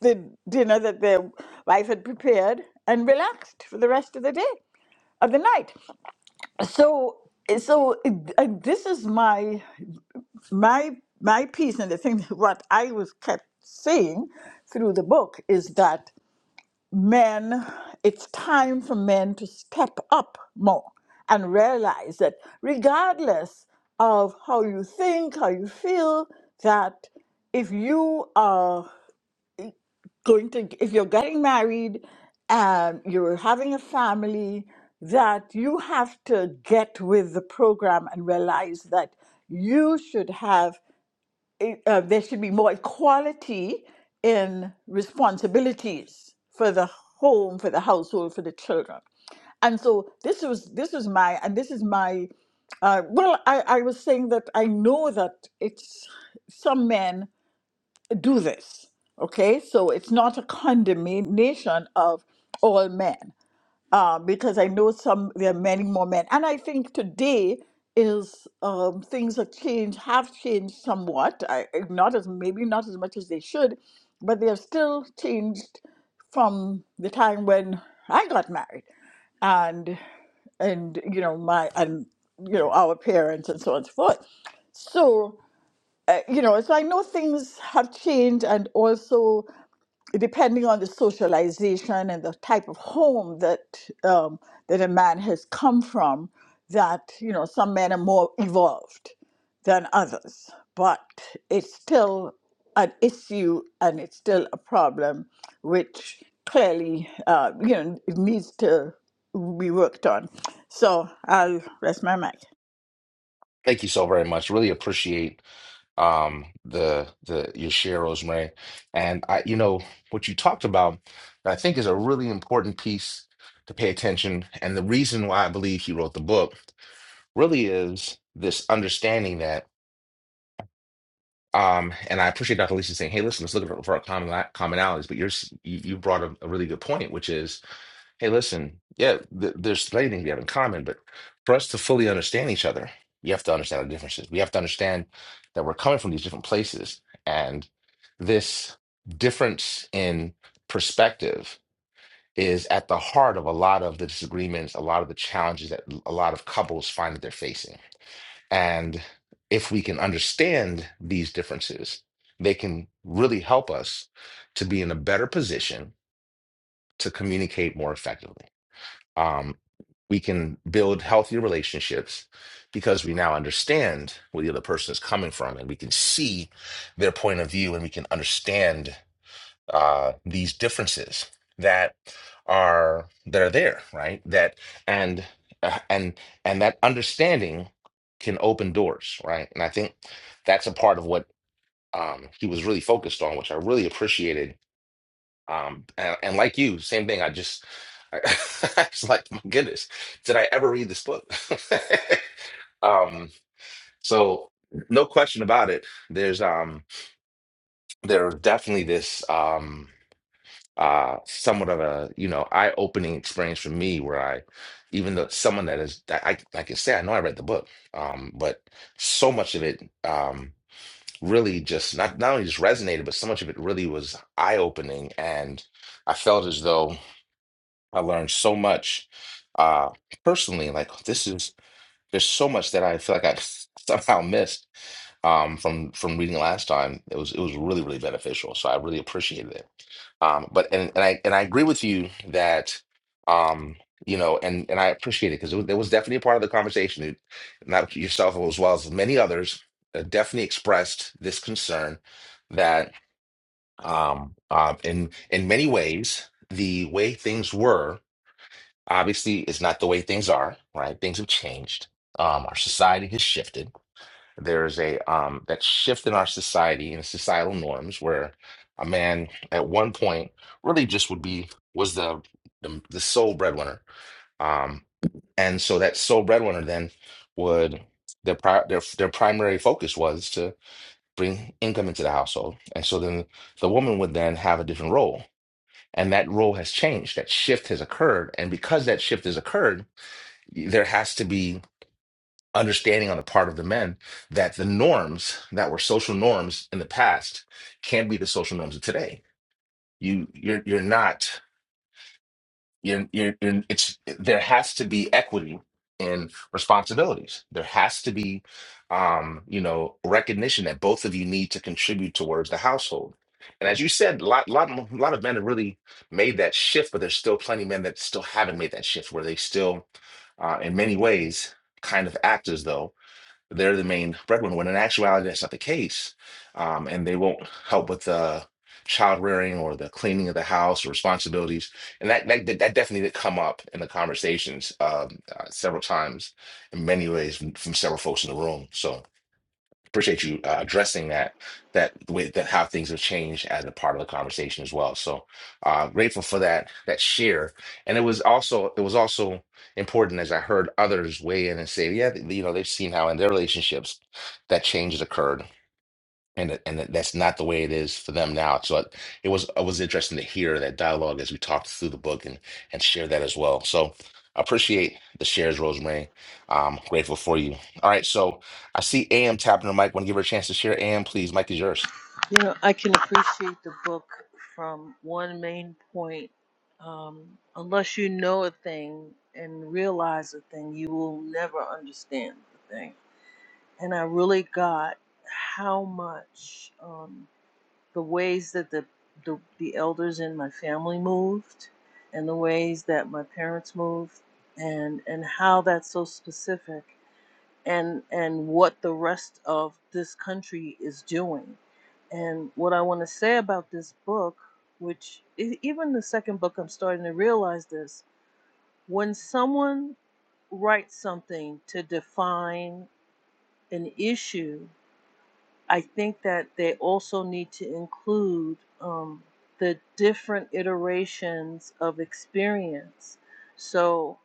C: the dinner that their wife had prepared and relaxed for the rest of the day of the night. So, so uh, this is my my my piece and the thing what I was kept saying through the book is that men it's time for men to step up more and realize that regardless of how you think, how you feel, that if you are going to if you're getting married and you're having a family that you have to get with the program and realize that you should have it, uh, there should be more equality in responsibilities for the home, for the household, for the children. And so this was this was my and this is my uh, well, I, I was saying that I know that it's some men do this. Okay, so it's not a condemnation of all men, uh, because I know some there are many more men, and I think today is um, things have changed, have changed somewhat. I, not as maybe not as much as they should, but they have still changed from the time when I got married, and and you know my and you know our parents and so on and so forth. So uh, you know, so I know things have changed, and also depending on the socialization and the type of home that um, that a man has come from, that you know some men are more evolved than others, but it's still an issue and it's still a problem, which clearly uh, you know it needs to be worked on. So I'll rest my mic.
A: Thank you so very much. Really appreciate um the the your share, Rosemary. And I you know what you talked about I think is a really important piece to pay attention. And the reason why I believe he wrote the book really is this understanding that Um, and I appreciate Dr. Lisa saying, "Hey, listen, let's look for, for our common commonalities." But you're, s- you you brought a, a really good point, which is, "Hey, listen, yeah, th there's plenty of things we have in common, but for us to fully understand each other, we have to understand our differences. We have to understand that we're coming from these different places, and this difference in perspective is at the heart of a lot of the disagreements, a lot of the challenges that a lot of couples find that they're facing." And if we can understand these differences, they can really help us to be in a better position to communicate more effectively. Um, we can build healthier relationships because we now understand where the other person is coming from and we can see their point of view and we can understand uh, these differences that are that are there, right? That and uh, and and that understanding can open doors, right? And I think that's a part of what um, he was really focused on, which I really appreciated. Um, and, and like you, same thing. I just I, I was like, my goodness, did I ever read this book? um, so no question about it. There's um there's definitely this. um. uh somewhat of a you know eye-opening experience for me where I even though someone that is that I like I can say I know I read the book um but so much of it um really just not not only just resonated but so much of it really was eye-opening and I felt as though I learned so much uh personally like this is there's so much that I feel like I somehow missed um, from from reading last time. It was it was really really beneficial, so I really appreciated it. Um, but and and I and I agree with you that um, you know, and and I appreciate it because there was definitely a part of the conversation that not yourself as well as many others uh, definitely expressed this concern that um, uh, in in many ways the way things were obviously is not the way things are. Right, things have changed. Um, our society has shifted there is a um that shift in our society and societal norms where a man at one point really just would be was the the, the sole breadwinner um and so that sole breadwinner then would their pri their their primary focus was to bring income into the household and so then the woman would then have a different role and that role has changed that shift has occurred and because that shift has occurred there has to be understanding on the part of the men that the norms that were social norms in the past can be the social norms of today. You you're you're not you're you're, you're it's there has to be equity in responsibilities. There has to be um you know recognition that both of you need to contribute towards the household. And as you said, a lot, lot, a lot of men have really made that shift, but there's still plenty of men that still haven't made that shift, where they still, uh, in many ways, kind of act as though. They're the main breadwinner. When in actuality, that's not the case. Um, and they won't help with the child rearing or the cleaning of the house or responsibilities. And that that, that definitely did come up in the conversations um, uh, several times in many ways from, from several folks in the room. So appreciate you uh, addressing that that the way that how things have changed as a part of the conversation as well so uh grateful for that that share and it was also it was also important as i heard others weigh in and say yeah th- you know they've seen how in their relationships that change has occurred and it- and that- that's not the way it is for them now. So it, it was it was interesting to hear that dialogue as we talked through the book and and share that as well. So I appreciate the shares, Rosemary. I'm grateful for you. All right, so I see AM tapping her mic. Want to give her a chance to share? AM, please, mic is yours.
D: You know, I can appreciate the book from one main point. Um, unless you know a thing and realize a thing, you will never understand the thing. And I really got how much. um, the ways that the, the the elders in my family moved and the ways that my parents moved and and how that's so specific and and what the rest of this country is doing and what i want to say about this book which e- even the second book i'm starting to realize this when someone writes something to define an issue I think that they also need to include um, the different iterations of experience. So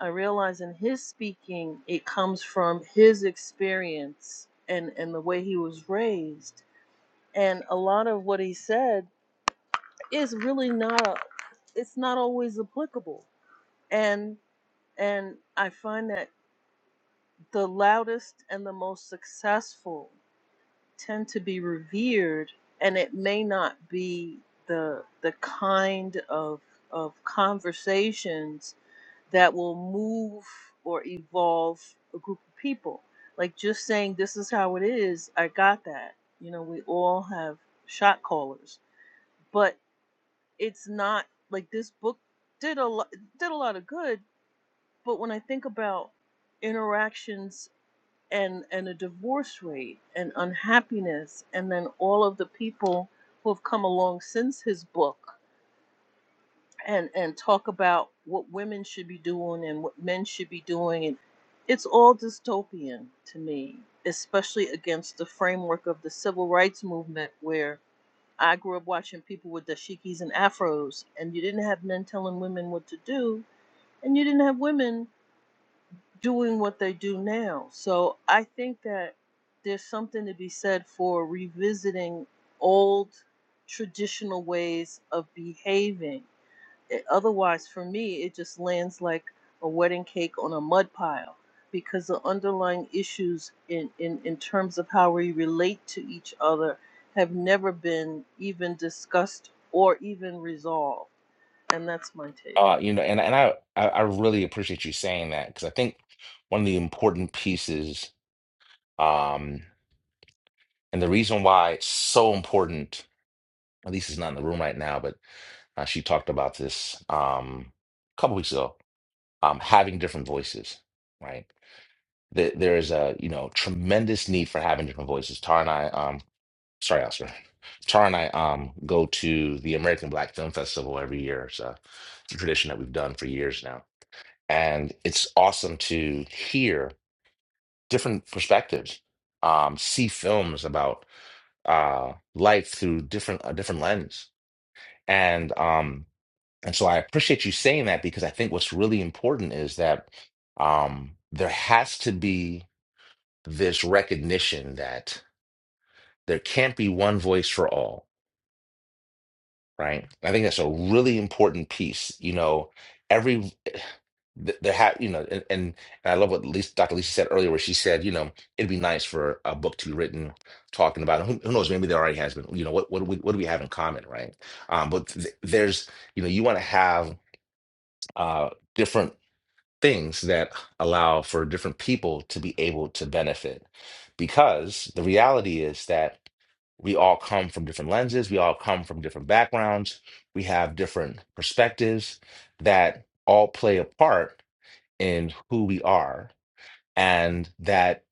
D: I realize in his speaking, it comes from his experience and, and the way he was raised. And a lot of what he said is really not a, it's not always applicable. And and I find that the loudest and the most successful tend to be revered and it may not be the the kind of of conversations that will move or evolve a group of people like just saying this is how it is i got that you know we all have shot callers but it's not like this book did a lot did a lot of good but when i think about interactions and and a divorce rate and unhappiness and then all of the people who have come along since his book and and talk about what women should be doing and what men should be doing and it's all dystopian to me especially against the framework of the civil rights movement where I grew up watching people with dashikis and afros and you didn't have men telling women what to do and you didn't have women doing what they do now. So I think that there's something to be said for revisiting old traditional ways of behaving. It- otherwise, for me, it just lands like a wedding cake on a mud pile because the underlying issues in, in, in terms of how we relate to each other have never been even discussed or even resolved. And that's my take.
A: Uh, you know, and and I I, I really appreciate you saying that because I think one of the important pieces, um, and the reason why it's so important. At least is not in the room right now, but uh, she talked about this um, a couple weeks ago um, having different voices, right? There, there is a you know tremendous need for having different voices. Tara and I, um, sorry, Oscar, Tara and I um, go to the American Black Film Festival every year. It's a, it's a tradition that we've done for years now, and it's awesome to hear different perspectives, um, see films about uh, life through different a different lens, and um, And so I appreciate you saying that because I think what's really important is that um, there has to be this recognition that there can't be one voice for all, right? I think that's a really important piece. You know, every th- there ha you know, and, and and I love what Lisa, Dr. Lisa said earlier, where she said, you know, it'd be nice for a book to be written talking about who, who knows, maybe there already has been. You know, what what do we what do we have in common, right? Um, but th there's you know, you want to have uh different things that allow for different people to be able to benefit. Because the reality is that we all come from different lenses, we all come from different backgrounds, we have different perspectives that all play a part in who we are, and that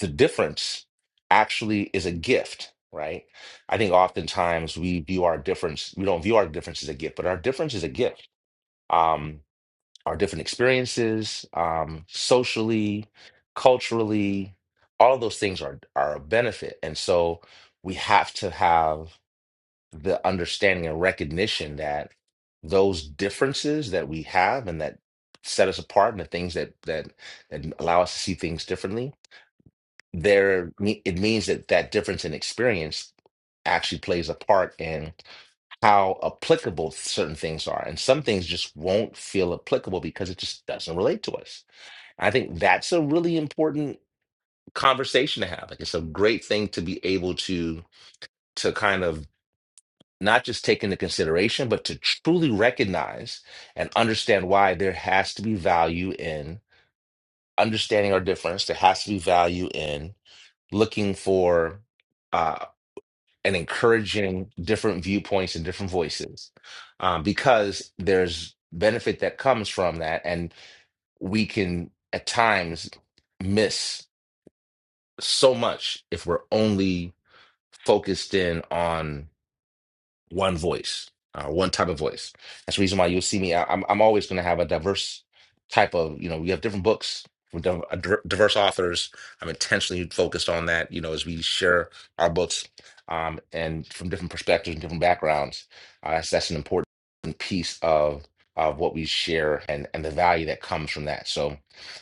A: the difference actually is a gift. Right. I think oftentimes we view our difference, we don't view our difference as a gift, but our difference is a gift. Um, our different experiences, um, socially, culturally, all of those things are are a benefit. And so we have to have the understanding and recognition that those differences that we have and that set us apart and the things that that that allow us to see things differently, there it means that that difference in experience actually plays a part in how applicable certain things are. And some things just won't feel applicable because it just doesn't relate to us. I think that's a really important conversation to have. Like it's a great thing to be able to to kind of not just take into consideration, but to truly recognize and understand why there has to be value in understanding our difference. There has to be value in looking for uh, and encouraging different viewpoints and different voices um, because there's benefit that comes from that and we can at times miss so much if we're only focused in on one voice, uh, one type of voice. That's the reason why you'll see me. I, I'm I'm always going to have a diverse type of you know. We have different books from div- uh, diver- diverse authors. I'm intentionally focused on that. You know, as we share our books, um, and from different perspectives and different backgrounds, uh, that's that's an important piece of of what we share and and the value that comes from that. So,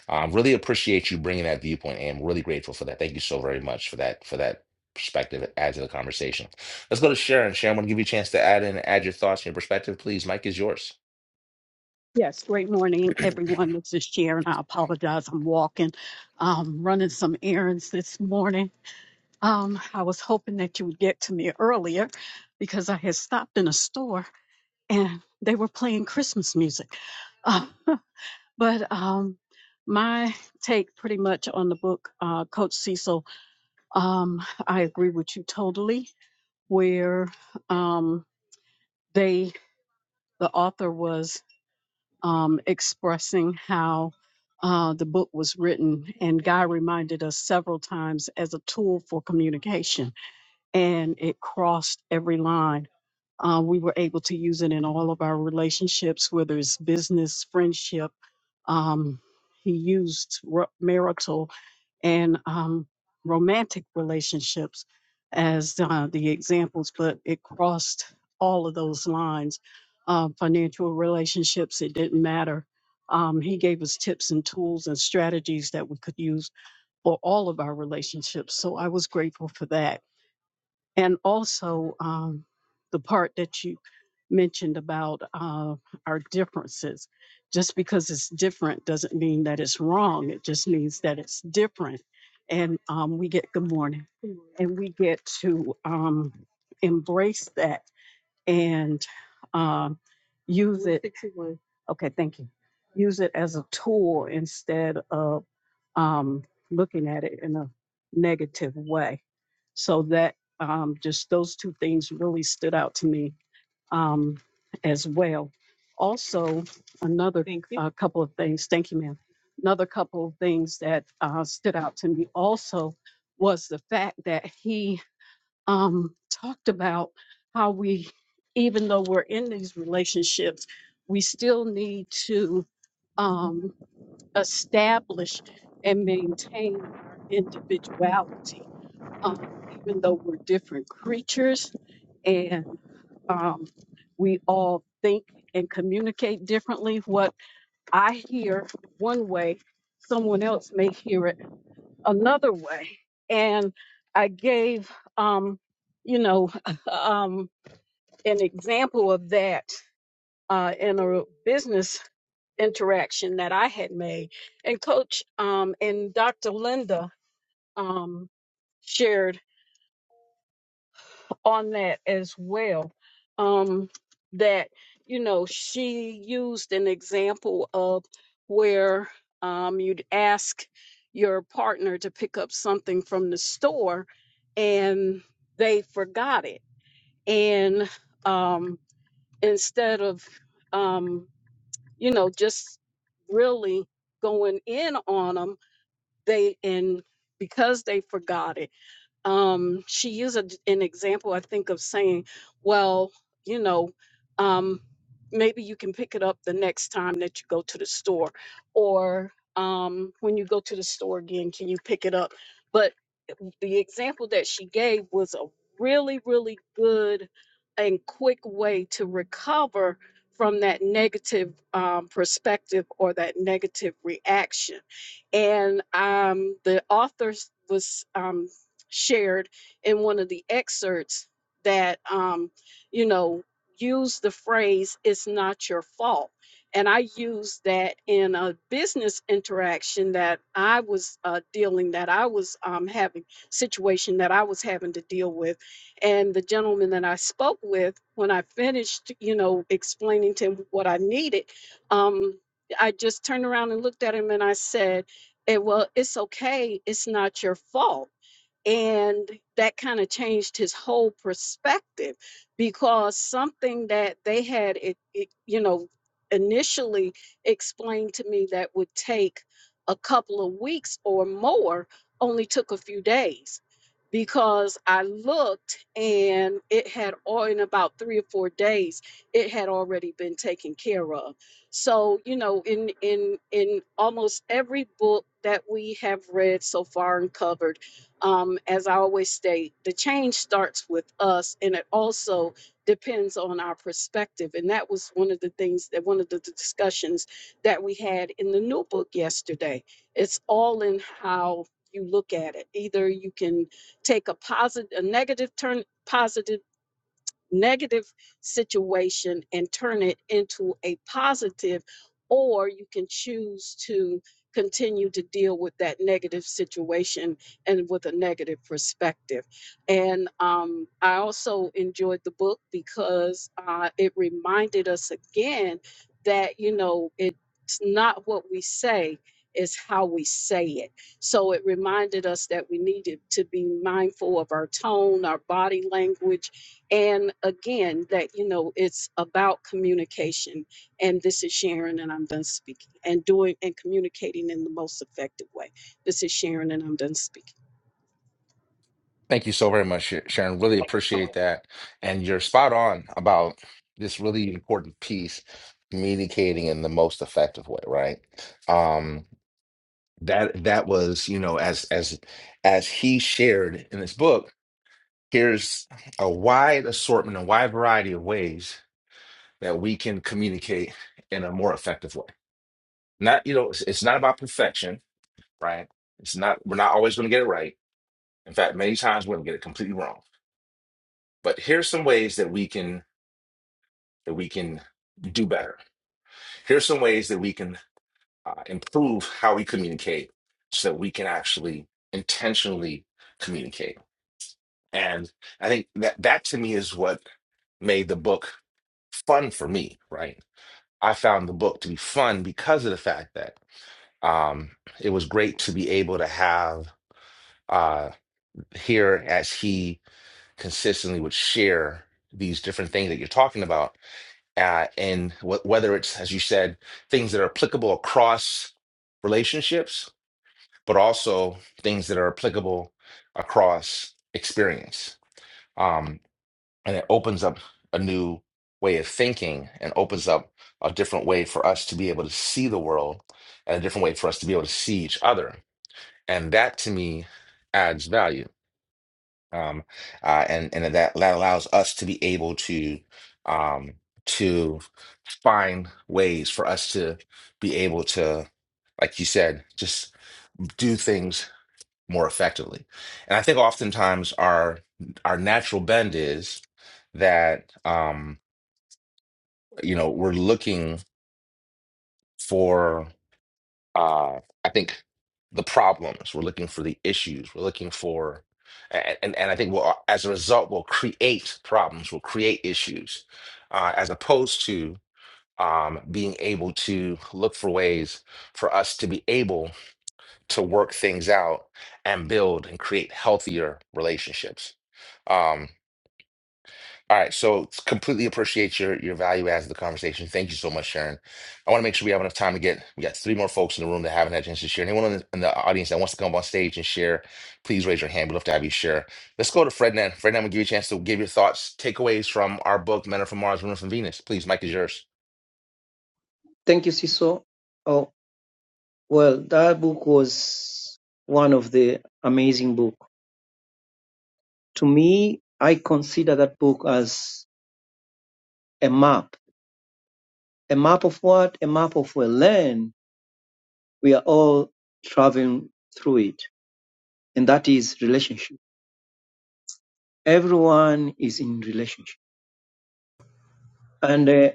A: um, really appreciate you bringing that viewpoint, and I'm really grateful for that. Thank you so very much for that for that perspective add to the conversation. Let's go to Sharon. Sharon, I want to give you a chance to add in, add your thoughts and your perspective, please. Mike is yours.
E: Yes, great morning, everyone. This is Sharon. I apologize. I'm walking, um, running some errands this morning. Um, I was hoping that you would get to me earlier because I had stopped in a store and they were playing Christmas music. Uh, but um, my take pretty much on the book, uh, Coach Cecil, um, I agree with you totally, where um, they, the author was um, expressing how uh, the book was written, and Guy reminded us several times as a tool for communication and it crossed every line. Uh, we were able to use it in all of our relationships, whether it's business, friendship. Um, he used ro- marital and um, romantic relationships as uh, the examples, but it crossed all of those lines. Um, financial relationships, it didn't matter. Um, he gave us tips and tools and strategies that we could use for all of our relationships. So I was grateful for that and also um, the part that you mentioned about uh, our differences. Just because it's different doesn't mean that it's wrong. It just means that it's different. And um, we get good morning, and we get to um, embrace that and um, use it. 61. Okay, thank you. Use it as a tool instead of um, looking at it in a negative way. So that um, just those two things really stood out to me um, as well. Also, another Thank you. uh, couple of things. Thank you, ma'am. Another couple of things that uh, stood out to me also was the fact that he um, talked about how we, even though we're in these relationships, we still need to um, establish and maintain our individuality, um, even though we're different creatures and um, we all think and communicate differently. What I hear one way, someone else may hear it another way. And I gave, um, you know, um, an example of that uh, in a business interaction that I had made. And Coach um, and Dr. Linda um, shared. on that as well. Um, that you know, she used an example of where um, you'd ask your partner to pick up something from the store, and they forgot it, and um, instead of um, you know just really going in on them, they and because they forgot it um, she used a, an example, I think, of saying, well, you know, um, maybe you can pick it up the next time that you go to the store, or um, when you go to the store again, can you pick it up? But the example that she gave was a really, really good and quick way to recover from that negative um, perspective or that negative reaction. And um, the author was um, shared in one of the excerpts that, um, you know, use the phrase, it's not your fault. And I used that in a business interaction that I was uh, dealing, that I was um, having situation that I was having to deal with. And the gentleman that I spoke with, when I finished, you know, explaining to him what I needed, um, I just turned around and looked at him and I said, eh, Well, it's okay. It's not your fault and that kind of changed his whole perspective because something that they had, it, it, you know, initially explained to me that would take a couple of weeks or more only took a few days because I looked and it had all in about three or four days, it had already been taken care of. So, you know, in in in almost every book that we have read so far and covered um, as I always state, the change starts with us, and it also depends on our perspective. And that was one of the things that one of the discussions that we had in the new book yesterday. It's all in how you look at it. Either you can take a positive, a negative turn, positive negative situation and turn it into a positive, or you can choose to continue to deal with that negative situation and with a negative perspective. And um, I also enjoyed the book because uh, it reminded us again that, you know, it's not what we say. Is how we say it. So it reminded us that we needed to be mindful of our tone, our body language, and again, that, you know, it's about communication. And this is Sharon, and I'm done speaking, and doing and communicating in the most effective way. This is Sharon, and I'm done speaking.
A: Thank you so very much, Sh- Sharon. Really appreciate that. And you're spot on about this really important piece, communicating in the most effective way, right? Um, that that was, you know, as as as he shared in his book, here's a wide assortment, a wide variety of ways that we can communicate in a more effective way. Not, you know, it's, it's not about perfection, right? It's not, we're not always going to get it right. In fact, many times we're going to get it completely wrong. But here's some ways that we can that we can do better. Here's some ways that we can uh, improve how we communicate so that we can actually intentionally communicate. And I think that that to me is what made the book fun for me, right? I found the book to be fun because of the fact that um, it was great to be able to have uh, here as he consistently would share these different things that you're talking about uh, and wh- whether it's as you said things that are applicable across relationships but also things that are applicable across experience um, and it opens up a new way of thinking and opens up a different way for us to be able to see the world and a different way for us to be able to see each other and that to me adds value um uh and and that that allows us to be able to um to find ways for us to be able to like you said just do things more effectively and i think oftentimes our our natural bend is that um you know we're looking for uh, I think the problems, we're looking for the issues, we're looking for, and and, and I think we'll, as a result, we'll create problems, we'll create issues, uh, as opposed to um, being able to look for ways for us to be able to work things out and build and create healthier relationships. Um, all right, so completely appreciate your your value adds to the conversation. Thank you so much, Sharon. I want to make sure we have enough time to get. We got three more folks in the room that haven't had a chance to share. Anyone in the, in the audience that wants to come up on stage and share, please raise your hand. We'd love to have you share. Let's go to Fred Nan. Fred Nan, will give you a chance to give your thoughts, takeaways from our book, Men Are From Mars, Women Are From Venus. Please, Mike is yours.
G: Thank you, Siso. Oh, well, that book was one of the amazing book. To me, I consider that book as a map. A map of what? A map of a land. We are all traveling through it. And that is relationship. Everyone is in relationship. And uh,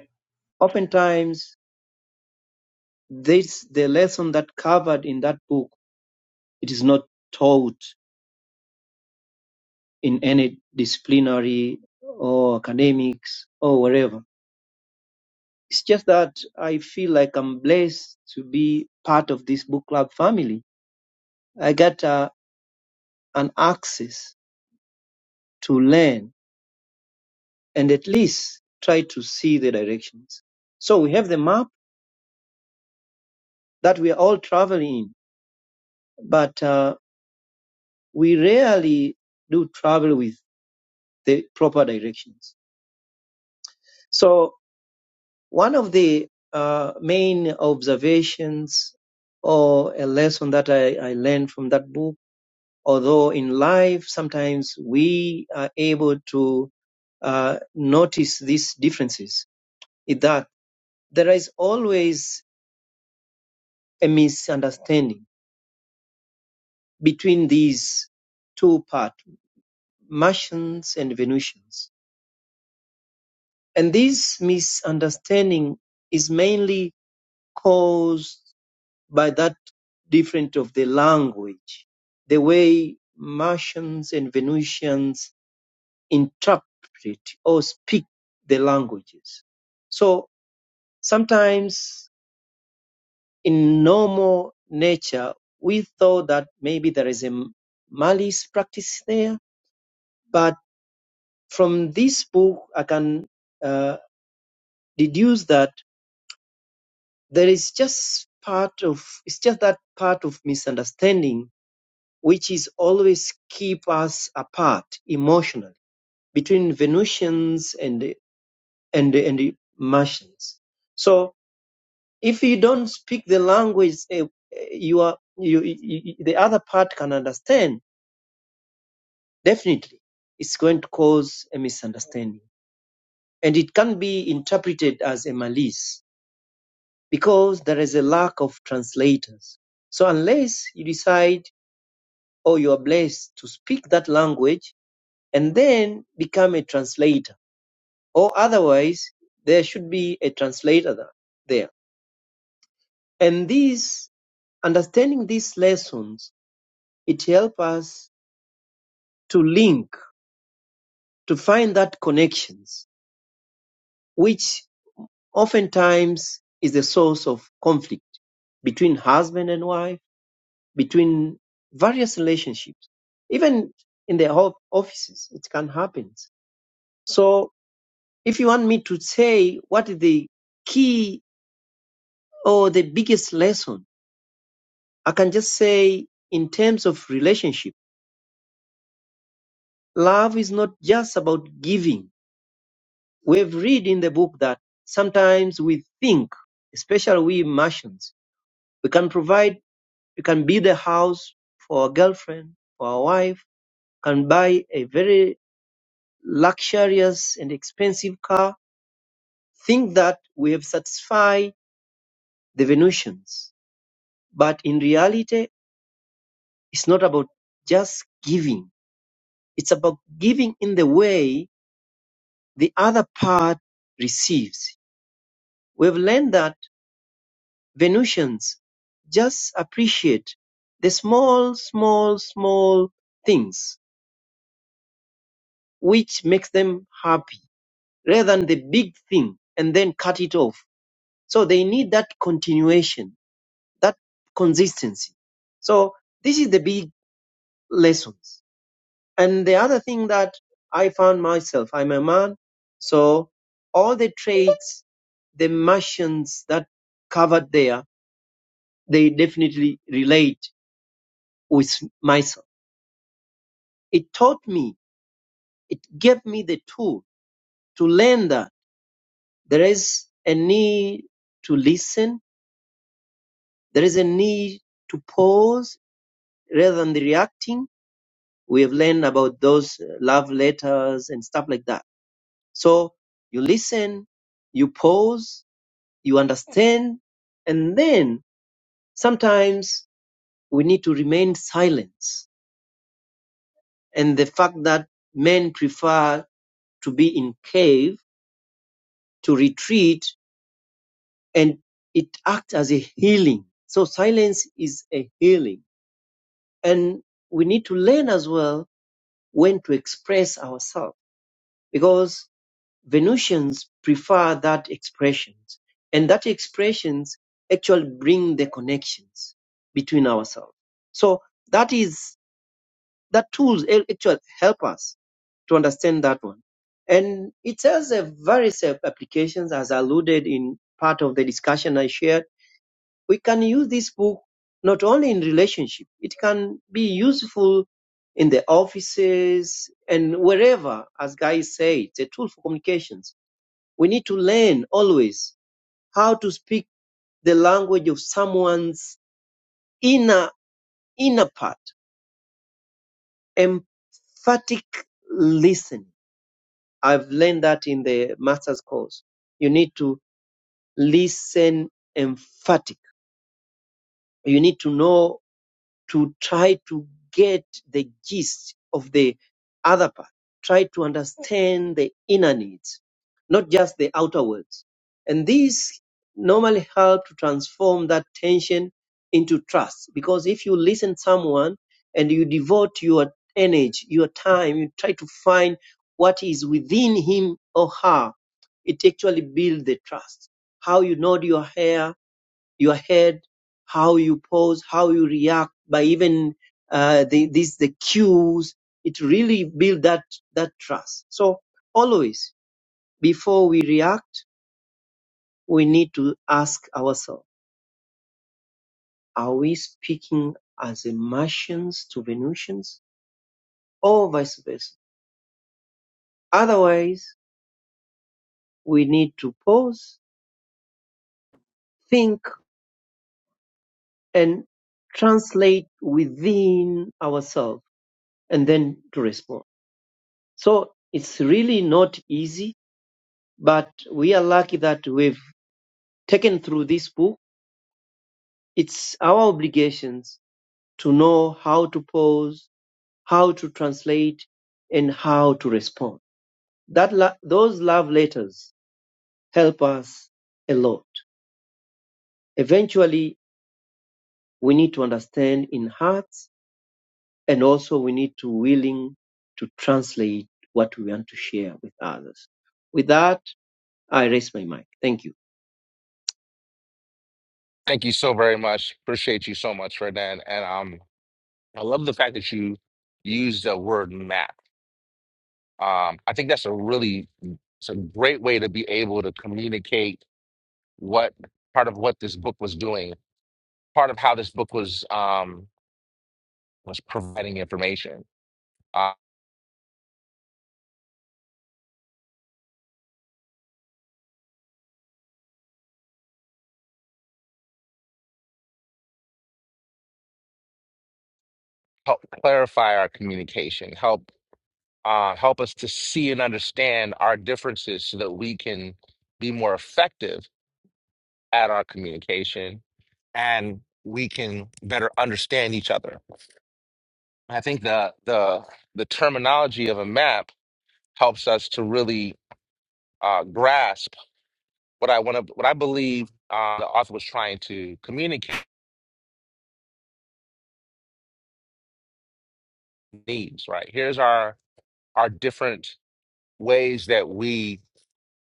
G: oftentimes, this, the lesson that covered in that book, it is not taught in any disciplinary or academics or wherever It's just that I feel like I'm blessed to be part of this book club family. I got uh, an access to learn and at least try to see the directions. So we have the map that we are all traveling in, but uh, we rarely do travel with the proper directions. So one of the uh, main observations or a lesson that I, I learned from that book although in life sometimes we are able to uh, notice these differences is that there is always a misunderstanding between these two parts, Martians and Venusians. And this misunderstanding is mainly caused by that difference of the language, the way Martians and Venusians interpret or speak the languages. So sometimes in normal nature, we thought that maybe there is a malice practice there, but from this book, I can uh, deduce that there is just part of, it's just that part of misunderstanding which is always keep us apart emotionally between Venusians and, and, and Martians. So if you don't speak the language eh, eh, you are you, you- the other part can understand definitely it's going to cause a misunderstanding and it can be interpreted as a malice because there is a lack of translators so unless you decide or you are blessed to speak that language and then become a translator or otherwise there should be a translator tha- there and these understanding these lessons it helps us to link, to find that connections, which oftentimes is the source of conflict between husband and wife, between various relationships, even in the ho- offices, it can happen. So if you want me to say what is the key or the biggest lesson, I can just say in terms of relationship, love is not just about giving We've read in the book that sometimes we think, especially we Martians, we can provide, we can build a house for a girlfriend, for a wife, can buy a very luxurious and expensive car, think that we have satisfied the Venusians. But in reality, it's not about just giving. It's about giving in the way the other part receives. We've learned that Venusians just appreciate the small, small, small things which makes them happy rather than the big thing and then cut it off. So they need that continuation, that consistency. So this is the big lessons. And the other thing that I found myself, I'm a man, so all the traits, the Martians that covered there, they definitely relate with myself. It taught me, it gave me the tool to learn that there is a need to listen, there is a need to pause rather than the reacting. We have learned about those uh, love letters and stuff like that. So you listen, you pause, you understand, and then sometimes we need to remain silent. And the fact that men prefer to be in cave, to retreat and it acts as a healing. So silence is a healing. And we need to learn as well when to express ourselves because Venusians prefer that expressions and that expressions actually bring the connections between ourselves. So that is, that tools actually help us to understand that one. And it has a various applications as alluded in part of the discussion I shared we can use this book not only in relationship, it can be useful in the offices and wherever, as Guy said, it's a tool for communications. We need to learn always how to speak the language of someone's inner inner part. Emphatic listening. I've learned that in the master's course. You need to listen emphatic. You need to know to try to get the gist of the other part, try to understand the inner needs, not just the outer words. And these normally help to transform that tension into trust. Because if you listen someone and you devote your energy, your time, you try to find what is within him or her, it actually builds the trust. How you nod your hair, your head, how you pose, how you react by even uh, the, these the cues. It really build that that trust. So always before we react, we need to ask ourselves: Are we speaking as a Martians to Venusians, or vice versa? Otherwise, we need to pause, think, and translate within ourselves, and then to respond. So it's really not easy But we are lucky that we've taken through this book. It's our obligations to know how to pause, how to translate, and how to respond. That la- those love letters help us a lot. Eventually, we need to understand in hearts, and also we need to willing to translate what we want to share with others. With that, I raise my mic. Thank you.
A: Thank you so very much. Appreciate you so much, Fred Nan. And um, I love the fact that you use the word map. Um, I think that's a really, it's a great way to be able to communicate what part of what this book was doing, part of how this book was um, was providing information, uh, help clarify our communication, help uh, help us to see and understand our differences, so that we can be more effective at our communication and we can better understand each other. I think the the the terminology of a map helps us to really uh, grasp what I want to what I believe uh, the author was trying to communicate needs, right? Here's our our different ways that we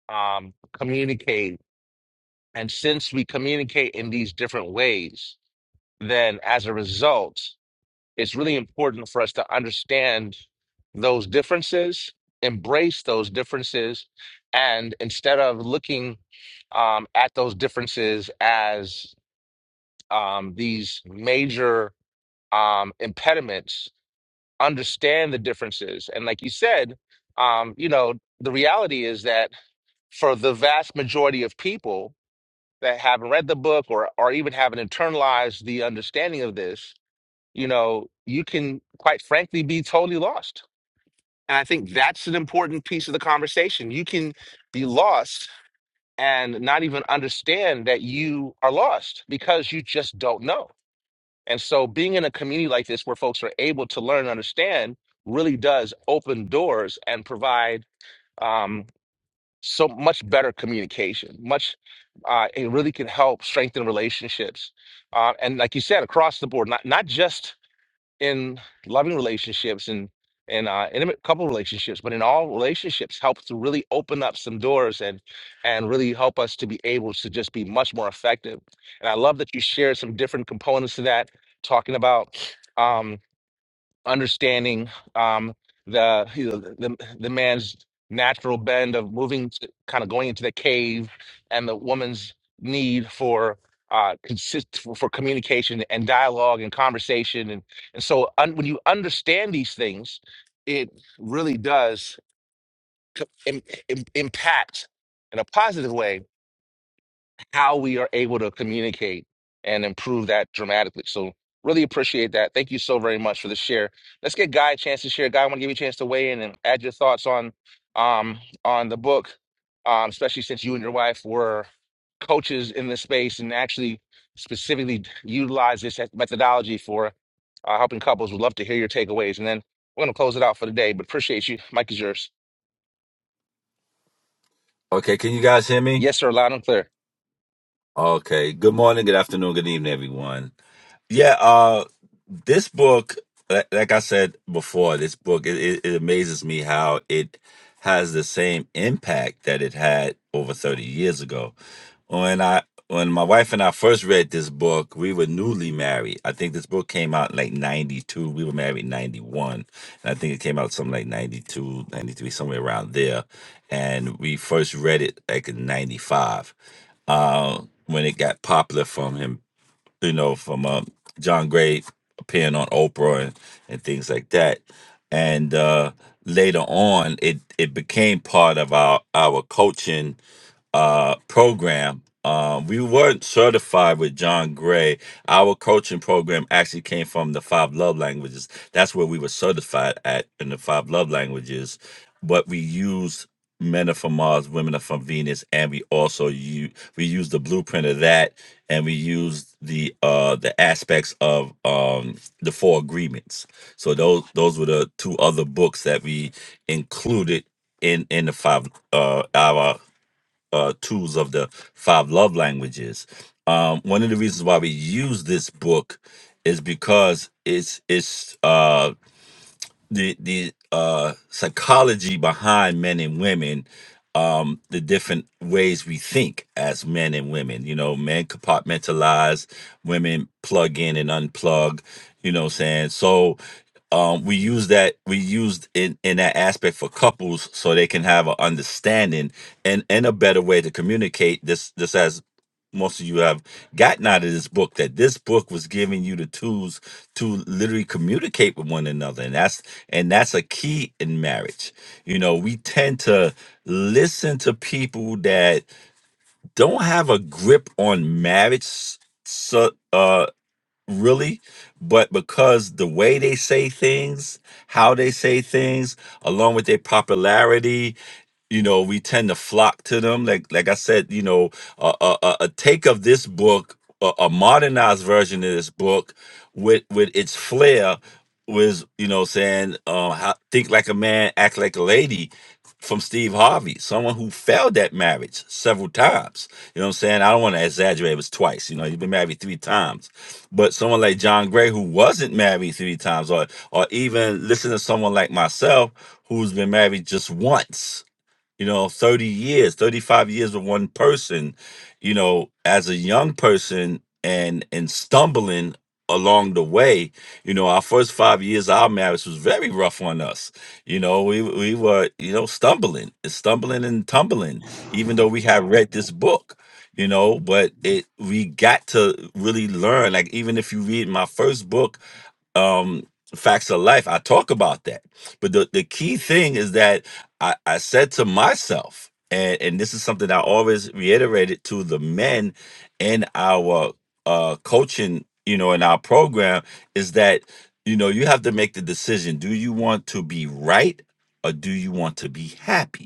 A: um, communicate, and since we communicate in these different ways, then as a result, it's really important for us to understand those differences, embrace those differences, and instead of looking um, at those differences as um, these major um, impediments understand the differences. And like you said, um, you know, the reality is that for the vast majority of people that haven't read the book or or even haven't internalized the understanding of this, you know, you can quite frankly be totally lost. And I think that's an important piece of the conversation. You can be lost and not even understand that you are lost because you just don't know and so being in a community like this where folks are able to learn and understand really does open doors and provide um, so much better communication. Much uh, it really can help strengthen relationships. Uh, and like you said, across the board, not not just in loving relationships and and uh, intimate couple relationships, but in all relationships, helps to really open up some doors and and really help us to be able to just be much more effective. And I love that you shared some different components to that, talking about. Um, understanding um, the, you know, the the man's natural bend of moving, to, kind of going into the cave, and the woman's need for uh, consist for, for communication and dialogue and conversation, and and so un, when you understand these things, it really does co- im, im- impact in a positive way how we are able to communicate and improve that dramatically. So really appreciate that. Thank you so very much for the share. Let's get Guy a chance to share. Guy, I want to give you a chance to weigh in and add your thoughts on um on the book, um, especially since you and your wife were coaches in this space and actually specifically utilize this methodology for uh, helping couples. Would love to hear your takeaways. And then we're going to close it out for the day, but appreciate you. Mike is yours.
H: Okay, can you guys hear me?
A: Yes, sir. Loud and clear.
H: Okay. Good morning, good afternoon, good evening, everyone. Yeah, uh, this book, li- like I said before, this book it, it, it amazes me how it has the same impact that it had over thirty years ago. When I when my wife and I first read this book, we were newly married. I think this book came out in like 92. We were married in 91. And I think it came out something like 92, 93, somewhere around there. And we first read it like in 95 uh, when it got popular from him you know, from um, John Gray appearing on Oprah and, and things like that. And uh, later on, it it became part of our our coaching uh, program. Um, we weren't certified with John Gray. Our coaching program actually came from the five love languages. That's where we were certified at in the five love languages. But we used men are from Mars, women are from Venus, and we also use we use the blueprint of that, and we use the uh the aspects of um the four agreements. So those those were the two other books that we included in in the five uh our uh tools of the five love languages. Um, one of the reasons why we use this book is because it's it's uh the the uh psychology behind men and women um the different ways we think as men and women you know men compartmentalize women plug in and unplug you know what i'm saying so um we use that we used in in that aspect for couples so they can have an understanding and and a better way to communicate this this as most of you have gotten out of this book that this book was giving you the tools to literally communicate with one another and that's and that's a key in marriage you know we tend to listen to people that don't have a grip on marriage so uh really but because the way they say things how they say things along with their popularity you know we tend to flock to them like like i said you know a, a, a a take of this book a, a modernized version of this book with with its flair was you know saying um how, think like a man act like a lady from steve harvey someone who failed at marriage several times you know what i'm saying i don't want to exaggerate it was twice you know you've been married three times but someone like john gray who wasn't married three times or or even listen to someone like myself who's been married just once you know 30 years 35 years with one person you know as a young person and and stumbling along the way you know our first five years of our marriage was very rough on us you know we we were you know stumbling stumbling and tumbling even though we had read this book you know but it we got to really learn like even if you read my first book um facts of life i talk about that but the, the key thing is that i i said to myself and and this is something i always reiterated to the men in our uh coaching you know in our program is that you know you have to make the decision do you want to be right or do you want to be happy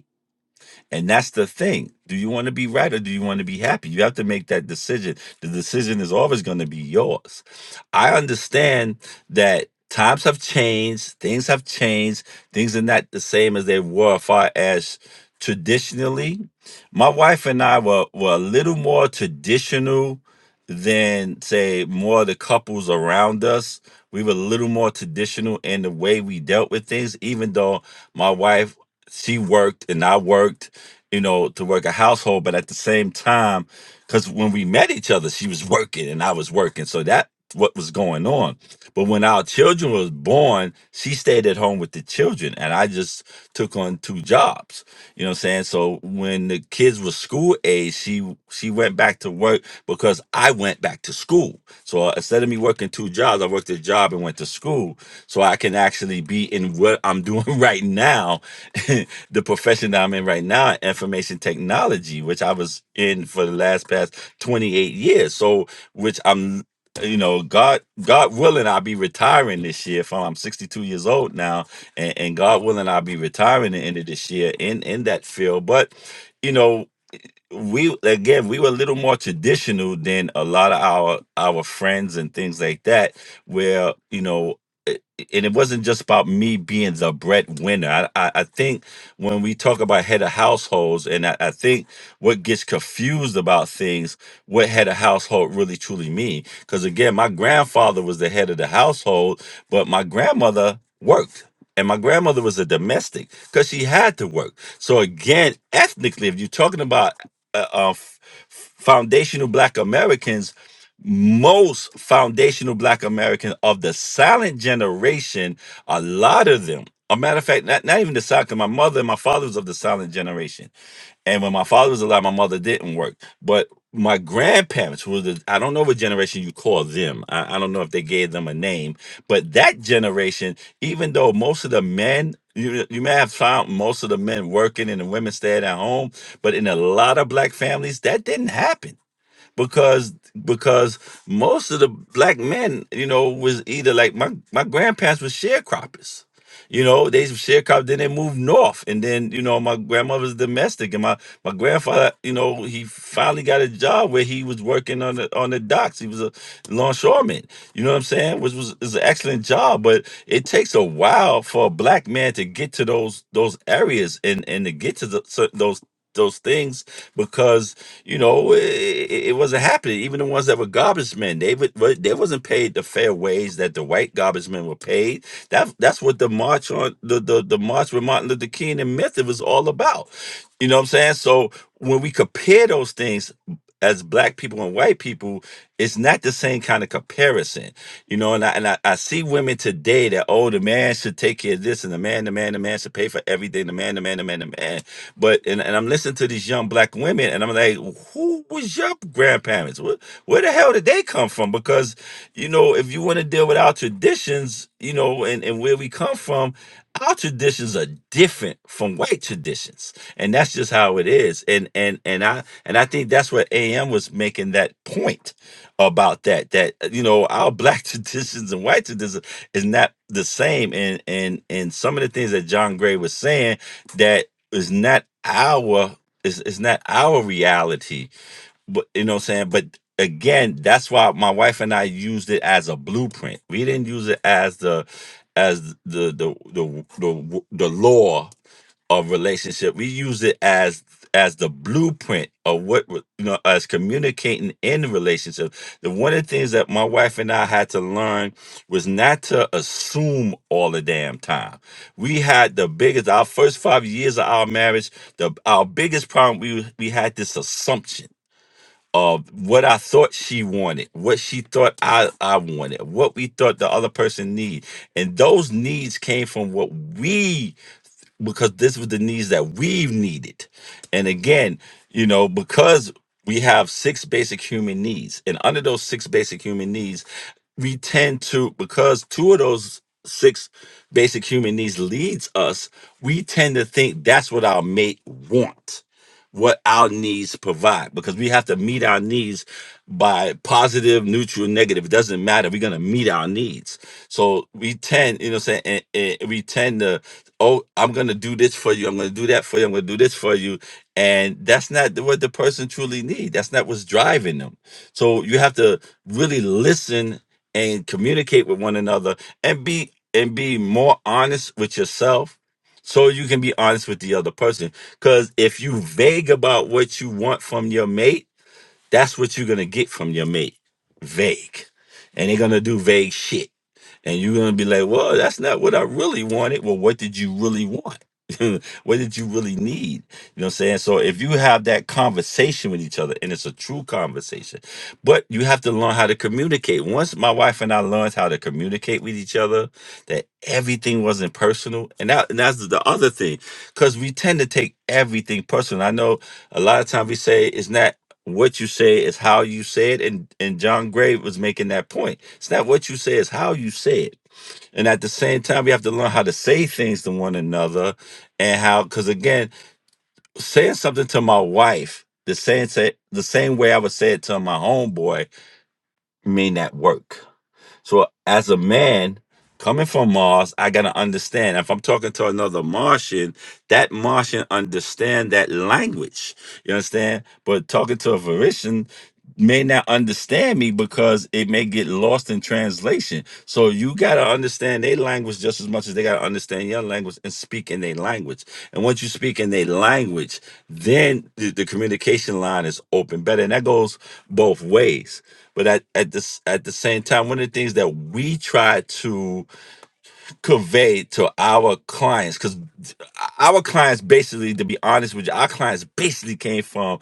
H: and that's the thing. Do you want to be right or do you want to be happy? You have to make that decision. The decision is always going to be yours. I understand that times have changed, things have changed, things are not the same as they were far as traditionally. My wife and I were, were a little more traditional than, say, more of the couples around us. We were a little more traditional in the way we dealt with things, even though my wife she worked and I worked you know, to work a household, but at the same time, because when we met each other, she was working and I was working, so that what was going on. But when our children was born, she stayed at home with the children, and I just took on two jobs. You know what I'm saying? So when the kids were school age, she she went back to work because I went back to school. So uh, instead of me working two jobs, I worked a job and went to school, so I can actually be in what I'm doing right now the profession that I'm in right now, information technology, which I was in for the last past 28 years. So, which I'm, you know, God, God willing, I'll be retiring this year. From I'm 62 years old now, and, and God willing, I'll be retiring the end of this year in in that field. But, you know we again we were a little more traditional than a lot of our our friends and things like that where you know a- and it wasn't just about me being the breadwinner. I, I, I think when we talk about head of households, and I, I think what gets confused about things, what head of household really truly mean. Because again, my grandfather was the head of the household, but my grandmother worked. And my grandmother was a domestic because she had to work. So again, ethnically, if you're talking about uh, uh, f- foundational black Americans, most foundational black Americans of the silent generation, a lot of them, a matter of fact, not, not even the silent, 'cause my mother and my father was of the silent generation and when my father was alive, my mother didn't work. But my grandparents, who was the, I don't know what generation you call them. I, I don't know if they gave them a name, but that generation, even though most of the men, you, you may have found most of the men working and the women stayed at home, but in a lot of black families, that didn't happen because because most of the black men, you know, was either like my my grandparents were sharecroppers. You know, they sharecropped, then they moved north. And then, you know, my grandmother's domestic and my, my grandfather, you know, he finally got a job where he was working on the on the docks. He was a longshoreman. You know what I'm saying? Which was is an excellent job, but it takes a while for a black man to get to those those areas and and to get to the, cer- those those things you know, it, it wasn't happening. Even the ones that were garbage men, they would wa- they wasn't paid the fair wage that the white garbage men were paid. That that's what the march on the the, the march with Martin Luther King and Method was all about. You know what I'm saying? So when we compare those things, as black people and white people, it's not the same kind of comparison, you know. And I and I, I see women today that oh, the man should take care of this, and the man, the man, the man should pay for everything. The man, the man, the man, the man. But and, and I'm listening to these young black women, and I'm like, who was your grandparents? Where, where the hell did they come from? Because you know, if you want to deal with our traditions, you know, and and where we come from, our traditions are different from white traditions and that's just how it is and and and i and I think that's what AM was making that point about that that you know our black traditions and white traditions is not the same, and and and some of the things that John Gray was saying that is not our is is not our reality, but you know what I'm saying. But again, that's why my wife and I used it as a blueprint. We didn't use it as the as the the the the, the law of relationship. We use it as as the blueprint of what re- you know as communicating in the relationship. The one of the things that my wife and I had to learn was not to assume all the damn time. We had the biggest our first five years of our marriage, the our biggest problem we we had this assumption of what I thought she wanted, what she thought I, I wanted, what we thought the other person need. And those needs came from what we because this was the needs that we've needed. And again, you know, because we have six basic human needs, and under those six basic human needs, we tend to because two of those six basic human needs leads us, we tend to think that's what our mate want, what our needs provide, because we have to meet our needs by positive, neutral, negative. It doesn't matter. We're gonna meet our needs. So we tend, you know, what I'm saying and, and we tend to oh, I'm going to do this for you. I'm going to do that for you. I'm going to do this for you. And that's not what the person truly needs. That's not what's driving them. So you have to really listen and communicate with one another and be and be more honest with yourself so you can be honest with the other person cuz if you vague about what you want from your mate, that's what you're going to get from your mate. Vague. And they're going to do vague shit and you're gonna be like, well, that's not what I really wanted. Well, what did you really want? what did you really need? You know what I'm saying? So if you have that conversation with each other, and it's a true conversation, but you have to learn how to communicate. Once my wife and I learned how to communicate with each other, that everything wasn't personal, and that and that's the other thing, because we tend to take everything personal. I know a lot of times we say it's not what you say, it's how you say it, and and John Gray was making that point it's not what you say, it's how you say it. And at the same time, we have to learn how to say things to one another and how, because again, saying something to my wife, the same, say, the same way I would say it to my homeboy, may not work. So as a man, coming from Mars, I got to understand. If I'm talking to another Martian, that Martian understand that language. You understand? But talking to a Verishian, may not understand me because it may get lost in translation. So you gotta understand their language just as much as they gotta understand your language and speak in their language. And once you speak in their language, then the, the communication line is open better, and that goes both ways. But at, at this at the same time, one of the things that we try to convey to our clients, because our clients basically, to be honest with you, our clients basically came from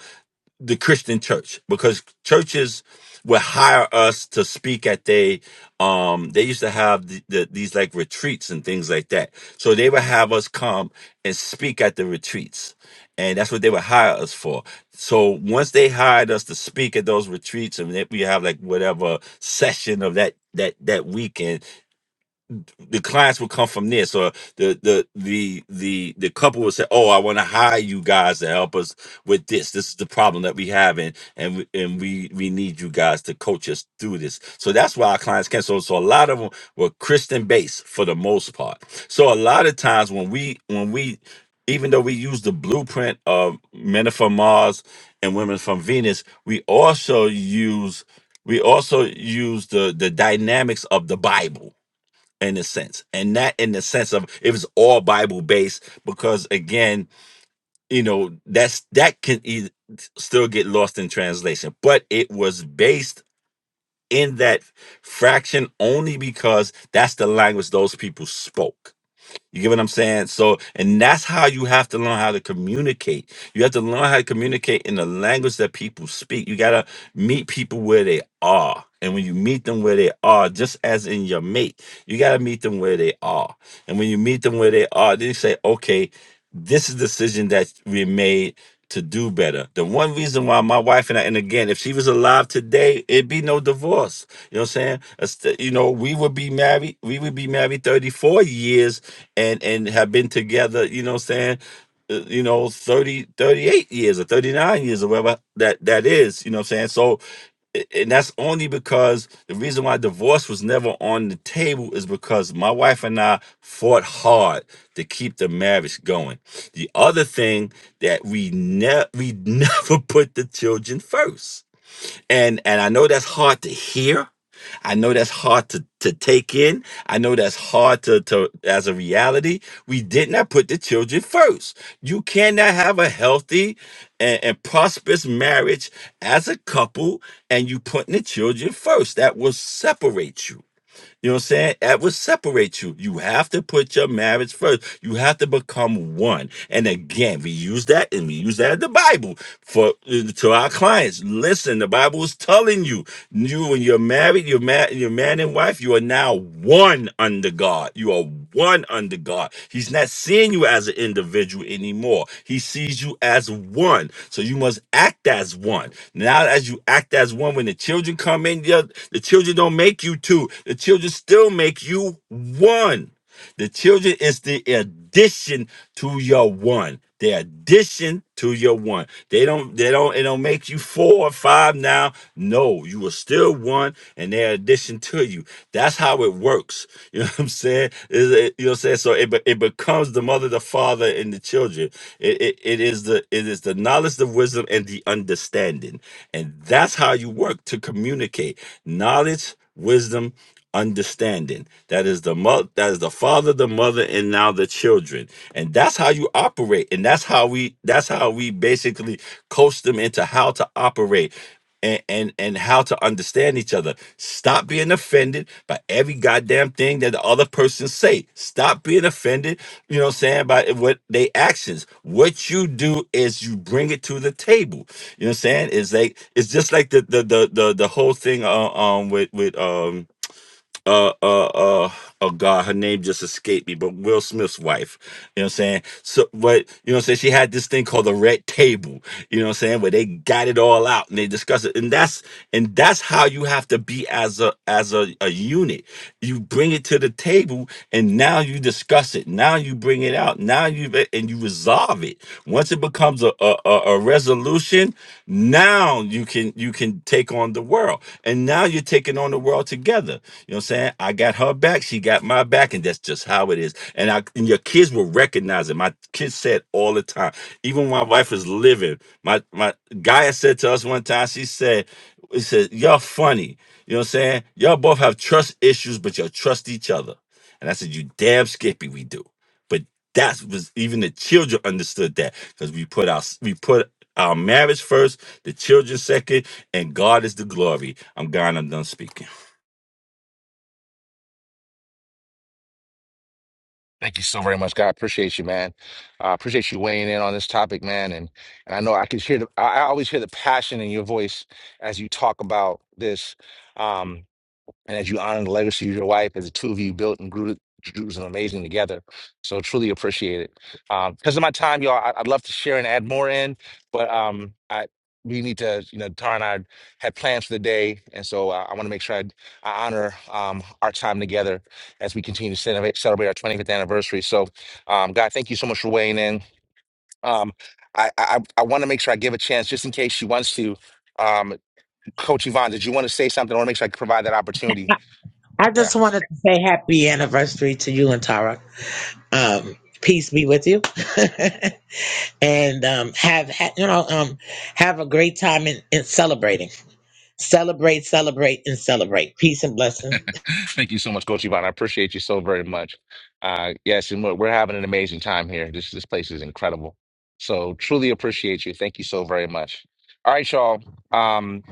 H: the Christian church because churches would hire us to speak at they um they used to have the, the, these like retreats and things like that. So they would have us come and speak at the retreats. And that's what they would hire us for. So once they hired us to speak at those retreats and that we have like whatever session of that that that weekend, the clients would come from this or the the the the the couple would say oh i want to hire you guys to help us with this this is the problem that we have and and we, and we we need you guys to coach us through this so that's why our clients came so so a lot of them were christian based for the most part so a lot of times when we when we even though we use the blueprint of men are from mars and women from venus we also use we also use the the dynamics of the bible in a sense and not in the sense of it was all bible based because again you know that's that can e- still get lost in translation but it was based in that fraction only because that's the language those people spoke you get what i'm saying so and that's how you have to learn how to communicate you have to learn how to communicate in the language that people speak you gotta meet people where they are and when you meet them where they are just as in your mate you gotta meet them where they are and when you meet them where they are, they say, okay, this is the decision that we made to do better. The one reason why my wife and I, and again, if she was alive today, it'd be no divorce. You know what I'm saying? It's the- You know, we would be married, we would be married 34 years and and have been together, you know what I'm saying? uh, You know, 30 38 years or 39 years or whatever that that is, you know what I'm saying? So and that's only because the reason why divorce was never on the table is because my wife and I fought hard to keep the marriage going. The other thing that we ne- we never put the children first and and I know that's hard to hear. I know that's hard to, to take in. I know that's hard to, to as a reality. We did not put the children first. You cannot have a healthy and, and prosperous marriage as a couple and you putting the children first. That will separate you. You know what I'm saying? That will separate you. You have to put your marriage first. You have to become one. And again, we use that and we use that in the Bible for uh, to our clients. Listen, the Bible is telling you you, when you're married, you're mad, you're man and wife. You are now one under God. You are one under God. He's not seeing you as an individual anymore. He sees you as one. So you must act as one. Now, as you act as one, when the children come in, the the children don't make you two. The children still make you one. The children is the addition to your one. They addition to your one. They don't. They don't. It don't make you four or five now. No, you are still one, and they're addition to you. That's how it works. You know what I'm saying? Is it, you know what I'm saying? So it be- it becomes the mother, the father, and the children. It, it it is the it is the knowledge, the wisdom, and the understanding, and that's how you work to communicate knowledge, wisdom, understanding. That is the mother, that is the father, the mother, and now the children. And that's how you operate. And that's how we that's how we basically coach them into how to operate. And, and and how to understand each other. Stop being offended by every goddamn thing that the other person say. Stop being offended, you know what I'm saying, by what they actions. What you do is you bring it to the table. You know what I'm saying? It's like it's just like the the the the, the whole thing uh, um with with um uh uh uh oh god her name just escaped me but will smith's wife you know what i'm saying so but you know what i'm saying she had this thing called the red table you know what i'm saying where they got it all out and they discuss it and that's and that's how you have to be as a as a, a unit you bring it to the table and now you discuss address it. Now you bring it out. Now you and you resolve it. Once it becomes a, a a a resolution, now you can you can take on the world. And now you're taking on the world together. You know what I'm saying? I got her back, she got my back, and that's just how it is. And I and your kids will recognize it. My kids said all the time, even when my wife was living, my my Gaia said to us one time, she said, it said, Y'all funny. You know what I'm saying? Y'all both have trust issues, but y'all trust each other. And I said, You damn skippy, we do. But that was even the children understood that because we put our we put our marriage first, the children second, and God is the glory. I'm gone, I'm done speaking.
A: Thank you so very much, God. Appreciate you, man. I appreciate you weighing in on this topic, man. And and I know I could hear the I I always hear the passion in your voice as you talk about this. Um, and as you honor the legacy of your wife, as the two of you built and grew Jerusalem amazing together. So truly appreciate it. Um, Because of my time, y'all, I, would love to share and add more in, but um, I we need to, you know, Tara and I had plans for the day, and so I, I want to make sure I, I honor um, our time together as we continue to celebrate, celebrate our 25th anniversary. So, um, God, thank you so much for weighing in. Um, I I, I want to make sure I give a chance just in case she wants to. Um, Coach Yvonne, did you want to say something? I want to make sure I provide that opportunity.
I: I
A: Yeah.
I: just wanted to say happy anniversary to you and Tara. Um, peace be with you, and um, have ha- you know um, have a great time in, in celebrating. Celebrate, celebrate, and celebrate. Peace and blessings.
A: Thank you so much, Coach Yvonne. I appreciate you so very much. Uh, yes, and we're, we're having an amazing time here. This this place is incredible. So truly appreciate you. Thank you so very much. All right, y'all. Um,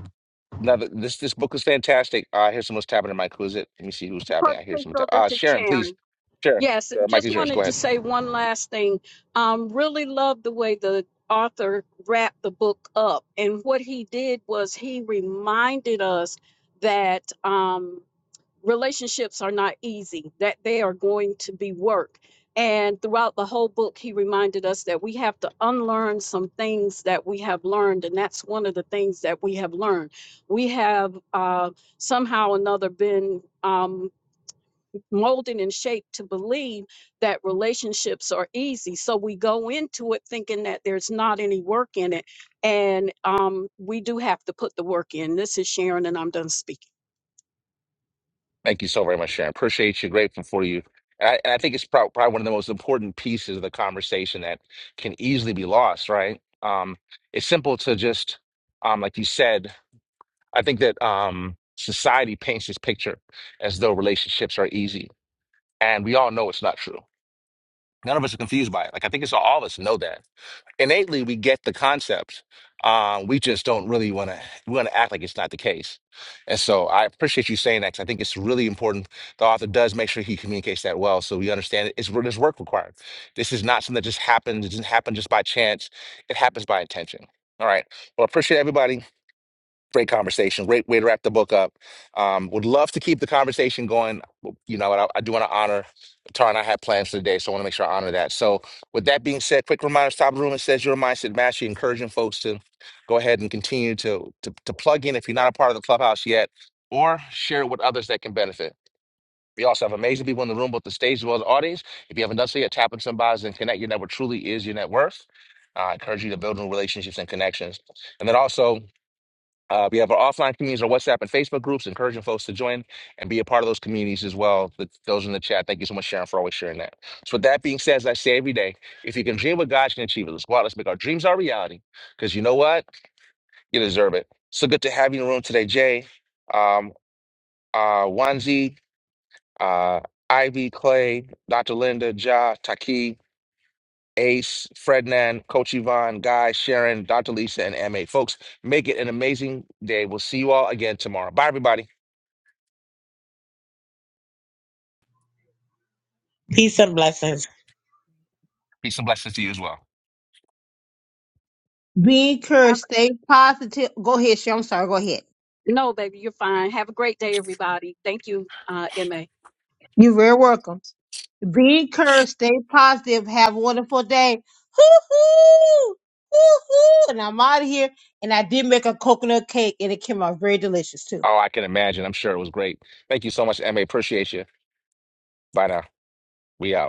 A: now this this book is fantastic. Uh, I hear someone's tapping in my closet. Let me see who's tapping. I hear
E: Okay,
A: someone
E: So
A: tap.
E: this
A: Uh,
E: is
A: Sharon, please.
E: Sharon.
A: Sharon,
E: Yes,
A: Sharon, Mike
E: just
A: is yours. Go
E: wanted to
A: ahead.
E: say one last thing. Um, really loved the way the author wrapped the book up. And what he did was he reminded us that. Um, relationships are not easy, that they are going to be work. And throughout the whole book, he reminded us that we have to unlearn some things that we have learned. And that's one of the things that we have learned. We have uh, somehow or another been um, molded and shaped to believe that relationships are easy. So we go into it thinking that there's not any work in it. And um, we do have to put the work in. This is Sharon, and I'm done speaking.
A: Thank you so very much, Sharon. Appreciate you. Grateful for you. And I, and I think it's prob- probably one of the most important pieces of the conversation that can easily be lost. Right? Um, it's simple to just um, like you said I think that um, society paints this picture as though relationships are easy, and we all know it's not true. None of us are confused by it. Like I think it's all of us know that innately. We get the concept. Um, we just don't really want to. We want to act like it's not the case. And so I appreciate you saying that. Because I think it's really important. The author does make sure he communicates that well, so we understand it. It's there's work required. This is not something that just happens. It doesn't happen just by chance. It happens by intention. All right. Well, I appreciate everybody great conversation. Great way to wrap the book up. Um, would love to keep the conversation going. You know, and I, I do want to honor Tara and I had plans for the day, so I want to make sure I honor that. So, with that being said, quick reminder: top of the room it says your mindset mastery, encouraging folks to go ahead and continue to, to to plug in if you're not a part of the clubhouse yet, or share it with others that can benefit. We also have amazing people in the room, both the stage as well as the audience. If you haven't done so yet, tap into somebody and connect. Your network truly is your net worth. Uh, I encourage you to build new relationships and connections. And then also, uh, we have our offline communities, our WhatsApp and Facebook groups, encouraging folks to join and be a part of those communities as well. Th- Those in the chat, thank you so much, Sharon, for always sharing that. So, with that being said, as I say every day, if you can dream what God can achieve it, let's go out, let's make our dreams our reality. Because you know what? You deserve it. So good to have you in the room today, Jay, um, uh, Wanzi, uh, Ivy, Clay, Dr. Linda, Ja, Taki. Ace, Frednan, Coach Yvonne, Guy, Sharon, Dr. Lisa, and MA. Folks, make it an amazing day. We'll see you all again tomorrow. Bye, everybody.
I: Peace and blessings.
A: Peace and blessings to you as well.
B: Be encouraged,
E: Have-
B: stay positive. Go ahead, Shay. I'm sorry, go ahead.
E: No, baby, you're fine. Have a great day, everybody. Thank you, uh, MA.
B: You're very welcome. Be encouraged, stay positive, have a wonderful day. Hoo hoo! Hoo hoo! And I'm out of here. And I did make a coconut cake and it came out very delicious too.
A: Oh, I can imagine. I'm sure it was great. Thank you so much, MA. Appreciate you. Bye now. We out.